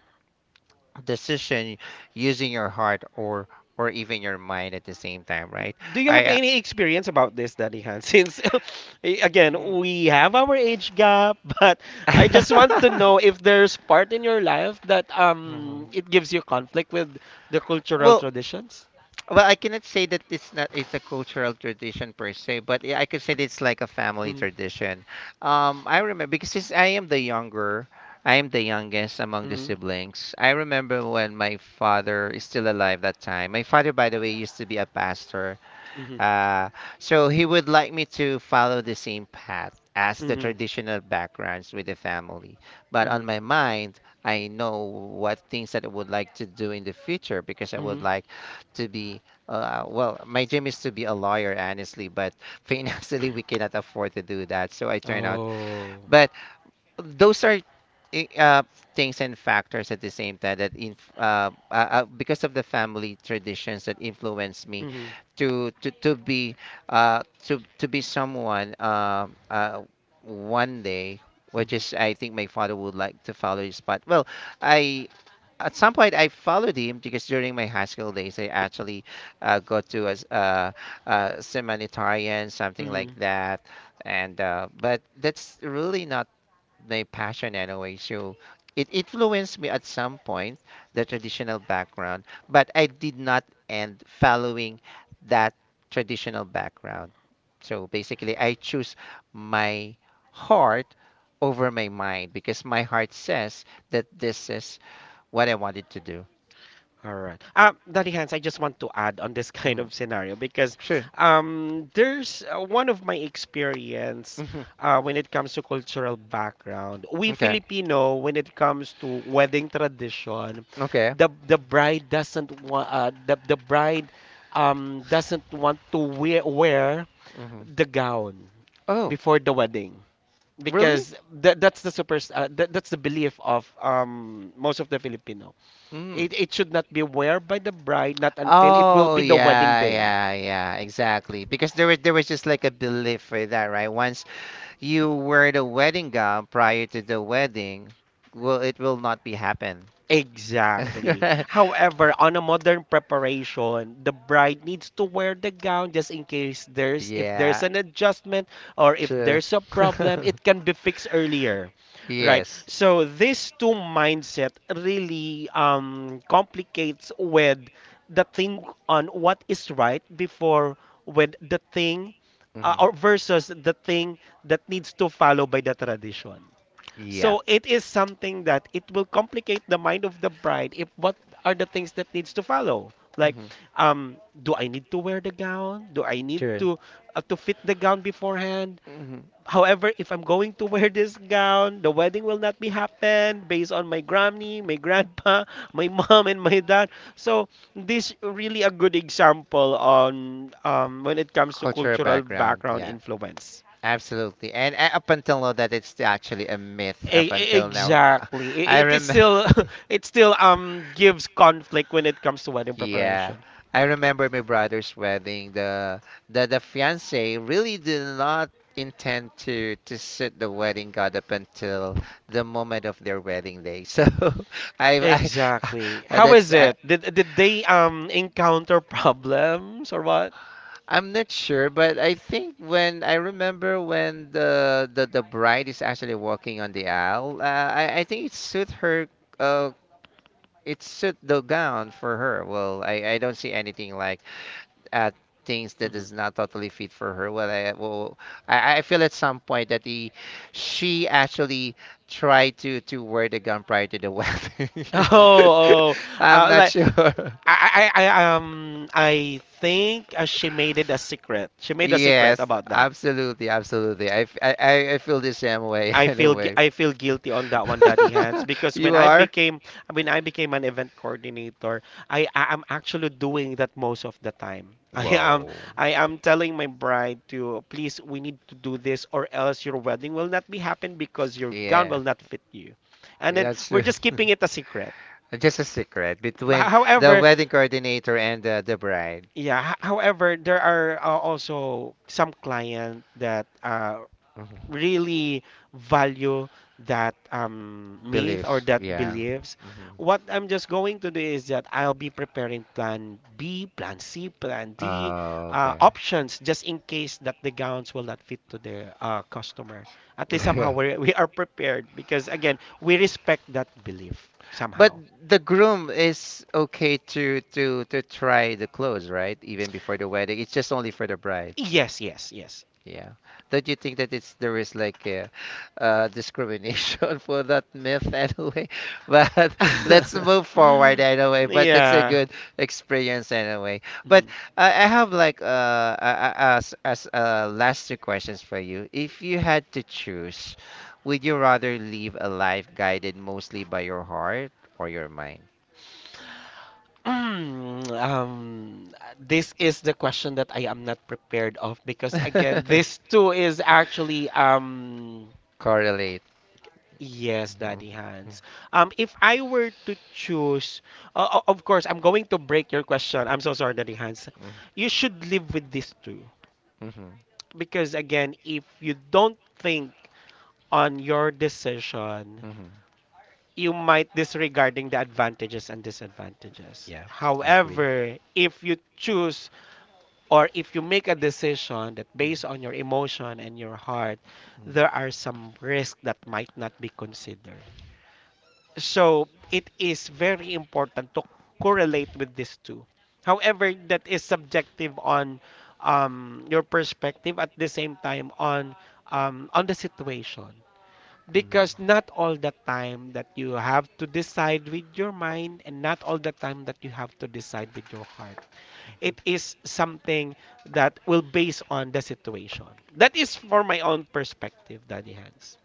A: decision using your heart or or even your mind at the same time, right?
B: Do you
A: I
B: have
A: uh,
B: any experience about this, Daddy Hans? Since eh, again,
A: mm.
B: we have our age gap, but I just want to know if there's part in your life that um
A: Mhm.
B: it gives you conflict with the cultural
A: Well,
B: traditions.
A: well, I cannot say that it's not it's a cultural tradition per se, but yeah, I could say that it's like a family
B: Mm.
A: tradition. Um, I remember because since I am the younger, I am the youngest among the
B: Mm.
A: siblings. I remember when my father is still alive that time. My father, by the way, used to be a pastor.
B: Mhm.
A: Uh, so he would like me to follow the same path as the
B: Mhm.
A: traditional backgrounds with the family. But on
B: Mhm.
A: my mind, I know what things that I would like to do in the future because I would
B: Mhm.
A: like to be, uh, well, my dream is to be a lawyer, honestly, but financially we cannot afford to do that. So I turn out,
B: Oh.
A: but those are i- uh, things and factors at the same time that inf- uh, uh, uh, because of the family traditions that influenced me
B: Mhm.
A: to to, to be uh, to to be someone um uh, one day which
B: Mhm.
A: is I think my father would like to follow his path. Well, I at some point I followed him because during my high school days I actually uh, got to as uh, uh, seminarian something like
B: Mhm.
A: that and uh, but that's really not my passion anyway. So it influenced me at some point, the traditional background, but I did not end following that traditional background. So basically, I choose my heart over my mind because my heart says that this is what I wanted to do.
B: All right. Um, Daddy Hans, I just want to add on this kind
A: Mm,
B: of scenario because
A: sure.
B: um, there's uh, one of my experience
A: Hmm.
B: uh, when it comes to cultural background. We
A: Okay.
B: Filipino, when it comes to wedding tradition,
A: Okay.
B: the the bride doesn't want uh, the the bride um, doesn't want to wear wear
A: Hmm.
B: the gown
A: Oh,
B: before the wedding
A: really?
B: because that that's the super uh, that, that's the belief of um, most of the Filipino.
A: Mm-hmm.
B: It, it should not be wear by the bride, not until it will
A: Oh
B: be the wedding
A: yeah,
B: day.
A: yeah, yeah, exactly. Because there was there was just like a belief for that, right? Once you wear the wedding gown prior to the wedding, well, it will not be happen.
B: Exactly. However, on a modern preparation, the bride needs to wear the gown just in case there's if there's
A: Yeah,
B: an adjustment, or if
A: true.
B: there's a problem, it can be fixed earlier. Right.
A: Yes.
B: So this two mindset really um complicates with the thing on what is right before, with the thing uh,
A: Hmm.
B: or versus the thing that needs to follow by the tradition.
A: Yeah.
B: So it is something that it will complicate the mind of the bride if what are the things that needs to follow. Like,
A: Hmm.
B: um, do I need to wear the gown? Do I need
A: True.
B: to uh, to fit the gown beforehand?
A: Hmm.
B: However, if I'm going to wear this gown, the wedding will not be happen based on my granny, my grandpa, my mom, and my dad. So this really a good example on um, when it comes to
A: Cultural
B: cultural
A: background.
B: background
A: Yeah.
B: influence.
A: Absolutely. And uh, up until now, that it's actually a myth. Up
B: E- e-
A: until now, Uh,
B: Exactly. I-
A: I
B: It is
A: remember.
B: still it still um gives conflict when it comes to wedding
A: Yeah.
B: preparation.
A: I remember my brother's wedding. The the the fiance really did not intend to to sit the wedding god up until the moment of their wedding day. So I I
B: Exactly.
A: uh,
B: How
A: that's
B: is
A: I,
B: it? Did did they um encounter problems or what?
A: I'm not sure, but I think when I remember when the the, the bride is actually walking on the aisle, uh, I I think it suit her uh it suit the gown for her. Well, I I don't see anything like at things that
B: Mhm.
A: is not totally fit for her. Well, I well, I, I feel at some point that he, she actually tried to to wear the gown prior to the
B: Oh,
A: wedding.
B: oh,
A: I'm
B: uh,
A: not
B: like
A: sure.
B: I, I, I, I, um, I think uh, she made it a secret. She made a secret
A: Yes,
B: about that.
A: absolutely, absolutely. I, f- I- I- I feel the same way
B: I
A: in a
B: feel gu-
A: way.
B: I feel guilty on that one, Daddy Hands, because when
A: You
B: I
A: are?
B: became when I became an event coordinator, I I am actually doing that most of the time. I am
A: Whoa.
B: I am telling my bride to please we need to do this or else your wedding will not be happen because your gown
A: Yeah,
B: will not fit you. And then
A: that's
B: we're
A: true.
B: just keeping it a secret.
A: Just a secret
B: But
A: between the
B: However,
A: wedding coordinator and the, the bride.
B: yeah, h- however, there are uh, also some client that uh,
A: Mhm.
B: really value that um, myth or
A: Belief,
B: that
A: yeah.
B: beliefs, what I'm just going to do is that I'll be preparing plan B, plan C, plan D
A: Oh,
B: uh,
A: okay.
B: options just in case that the gowns will not fit to the uh, customer. At least somehow we're, we are prepared because again, we respect that belief
A: But
B: somehow.
A: the groom is okay to to to try the clothes, right? Even before the wedding. It's just only for the bride.
B: Yes, yes, yes.
A: Yeah. Don't you think that it's there is like a, uh discrimination for that myth anyway? But let's move forward anyway. But that's a
B: Yeah.
A: good experience anyway. But
B: Mhm.
A: I, I have like uh, uh as as uh last two questions for you. If you had to choose, would you rather live a life guided mostly by your heart or your mind?
B: Mm, um, this is the question that I am not prepared of because again, this too is actually um
A: Correlate.
B: yes, Daddy
A: Mm-hmm.
B: Hans. Um, if I were to choose, uh, o- of course, I'm going to break your question. I'm so sorry, Daddy Hans. You should live with this too
A: Mm-hmm.
B: because again, if you don't think on your decision,
A: Mm-hmm.
B: you might disregarding the advantages and disadvantages.
A: Yeah, I agree.
B: However, if you choose or if you make a decision that based
A: Mhm.
B: on your emotion and your heart, there are some risks that might not be considered. So it is very important to correlate with these two. However, that is subjective on um, your perspective at the same time on um, on the situation.
A: Mhm.
B: Because not all the time that you have to decide with your mind and not all the time that you have to decide with your heart, it is something that will base on the situation. That is for my own perspective, Daddy Hans.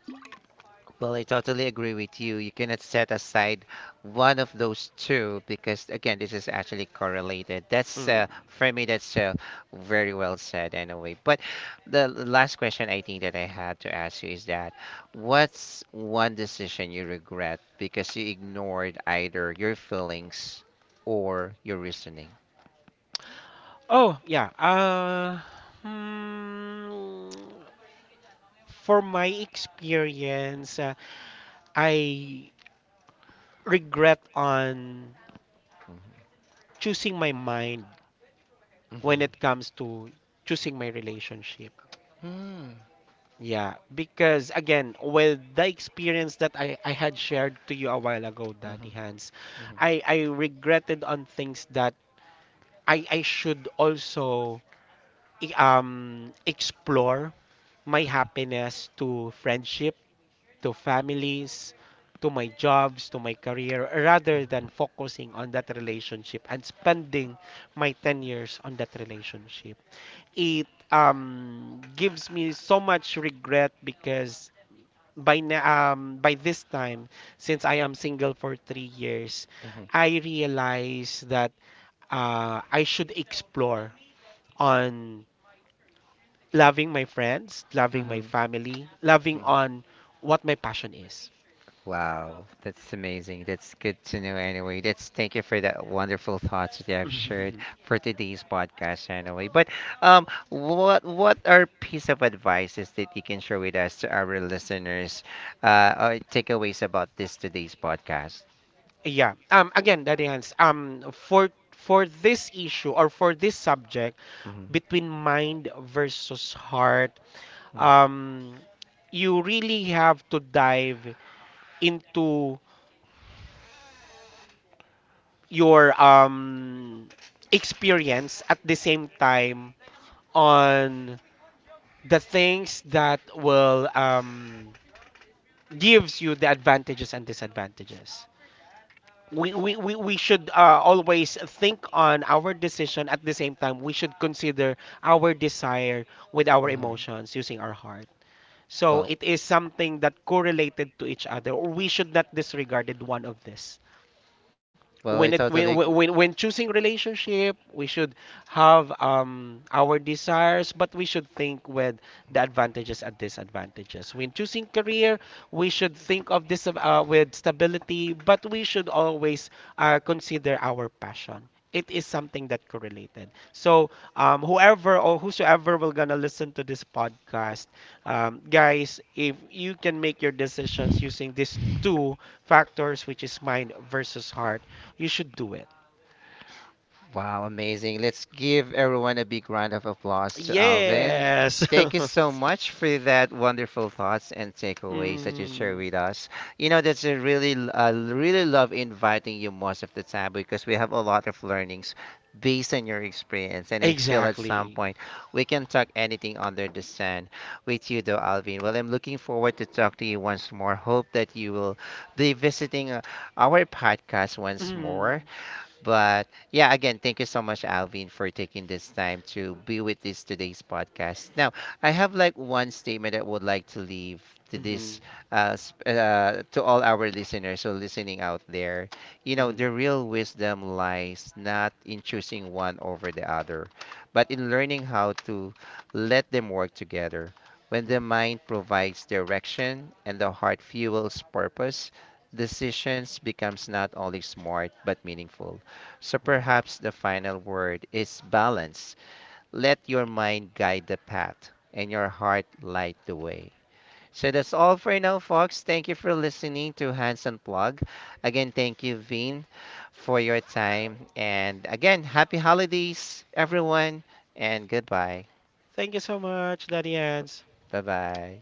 A: Well, I totally agree with you. You cannot set aside one of those two because, again, this is actually correlated. That's
B: Mm.
A: uh, for me, that's uh, very well said, anyway. But the l- last question I think that I had to ask you is that what's one decision you regret because you ignored either your feelings or your reasoning?
B: Oh, yeah. Uh, hmm, for my experience, uh, I regret on
A: Mhm.
B: choosing my mind when
A: Mhm.
B: it comes to choosing my relationship.
A: Mm.
B: Yeah, because again, with the experience that I, I had shared to you a while ago, Daddy
A: Mhm.
B: Hans,
A: Mhm.
B: I, I regretted on things that I I should also i- um explore my happiness to friendship, to families, to my jobs, to my career rather than focusing on that relationship and spending my ten years on that relationship. It um gives me so much regret because by na- um by this time since I am single for three years,
A: Mhm.
B: I realize that uh, I should explore on loving my friends, loving my
A: Mhm.
B: family, loving
A: Mhm.
B: on what my passion is.
A: Wow, that's amazing. That's good to know anyway. That's thank you for that wonderful thoughts that you have shared for today's podcast anyway. But um what what are piece of advices that you can share with us to our listeners uh or takeaways about this today's podcast?
B: Yeah. Um. Again, Daddy Hans. Um. For for this issue or for this subject
A: Hmm.
B: between mind versus heart,
A: Mm-hmm.
B: um, you really have to dive into your um experience at the same time on the things that will um gives you the advantages and disadvantages. We, we, we, we should uh, always think on our decision at the same time we should consider our desire with our
A: Mm-hmm.
B: emotions using our heart, so
A: Well,
B: it is something that correlated to each other or we should not disregarded one of this.
A: well, I
B: when it when
A: totally agree.
B: when, when choosing relationship we should have um our desires but we should think with the advantages and disadvantages. When choosing career we should think of this uh, with stability but we should always uh, consider our passion. It is something that correlated, so um, whoever or whosoever will gonna listen to this podcast, um, guys, if you can make your decisions using these two factors which is mind versus heart, you should do it.
A: Wow, amazing. Let's give everyone a big round of applause to Alvin.
B: Yes.
A: Thank you so much for that wonderful thoughts and takeaways that you
B: Mm,
A: share with us. You know, that's a really, l- I really love inviting you most of the time because we have a lot of learnings based on your experience. And I feel at some
B: exactly.
A: point we can talk anything under the sun with you, though, Alvin. Well, I'm looking forward to talk to you once more. Hope that you will be visiting uh, our podcast once more
B: Mm,
A: but yeah, again, thank you so much, Alvin, for taking this time to be with this today's podcast. Now, I have like one statement that I would like to leave to
B: mhm,
A: this, uh, sp- uh, to all our listeners who listening out there. You
B: mhm,
A: know,
B: mhm.
A: the real wisdom lies not in choosing one over the other, but in learning how to let them work together. When the mind provides direction and the heart fuels purpose, decisions becomes not only smart but meaningful. So
B: Wow.
A: perhaps the final word is balance. Let your mind guide the path and your heart light the way. So that's all for now, folks. Thank you for listening to Hands Unplugged. Again, thank you, Vin, for your time. And again, happy holidays, everyone, and goodbye.
B: Thank you so much, Daddy Hans.
A: Bye bye.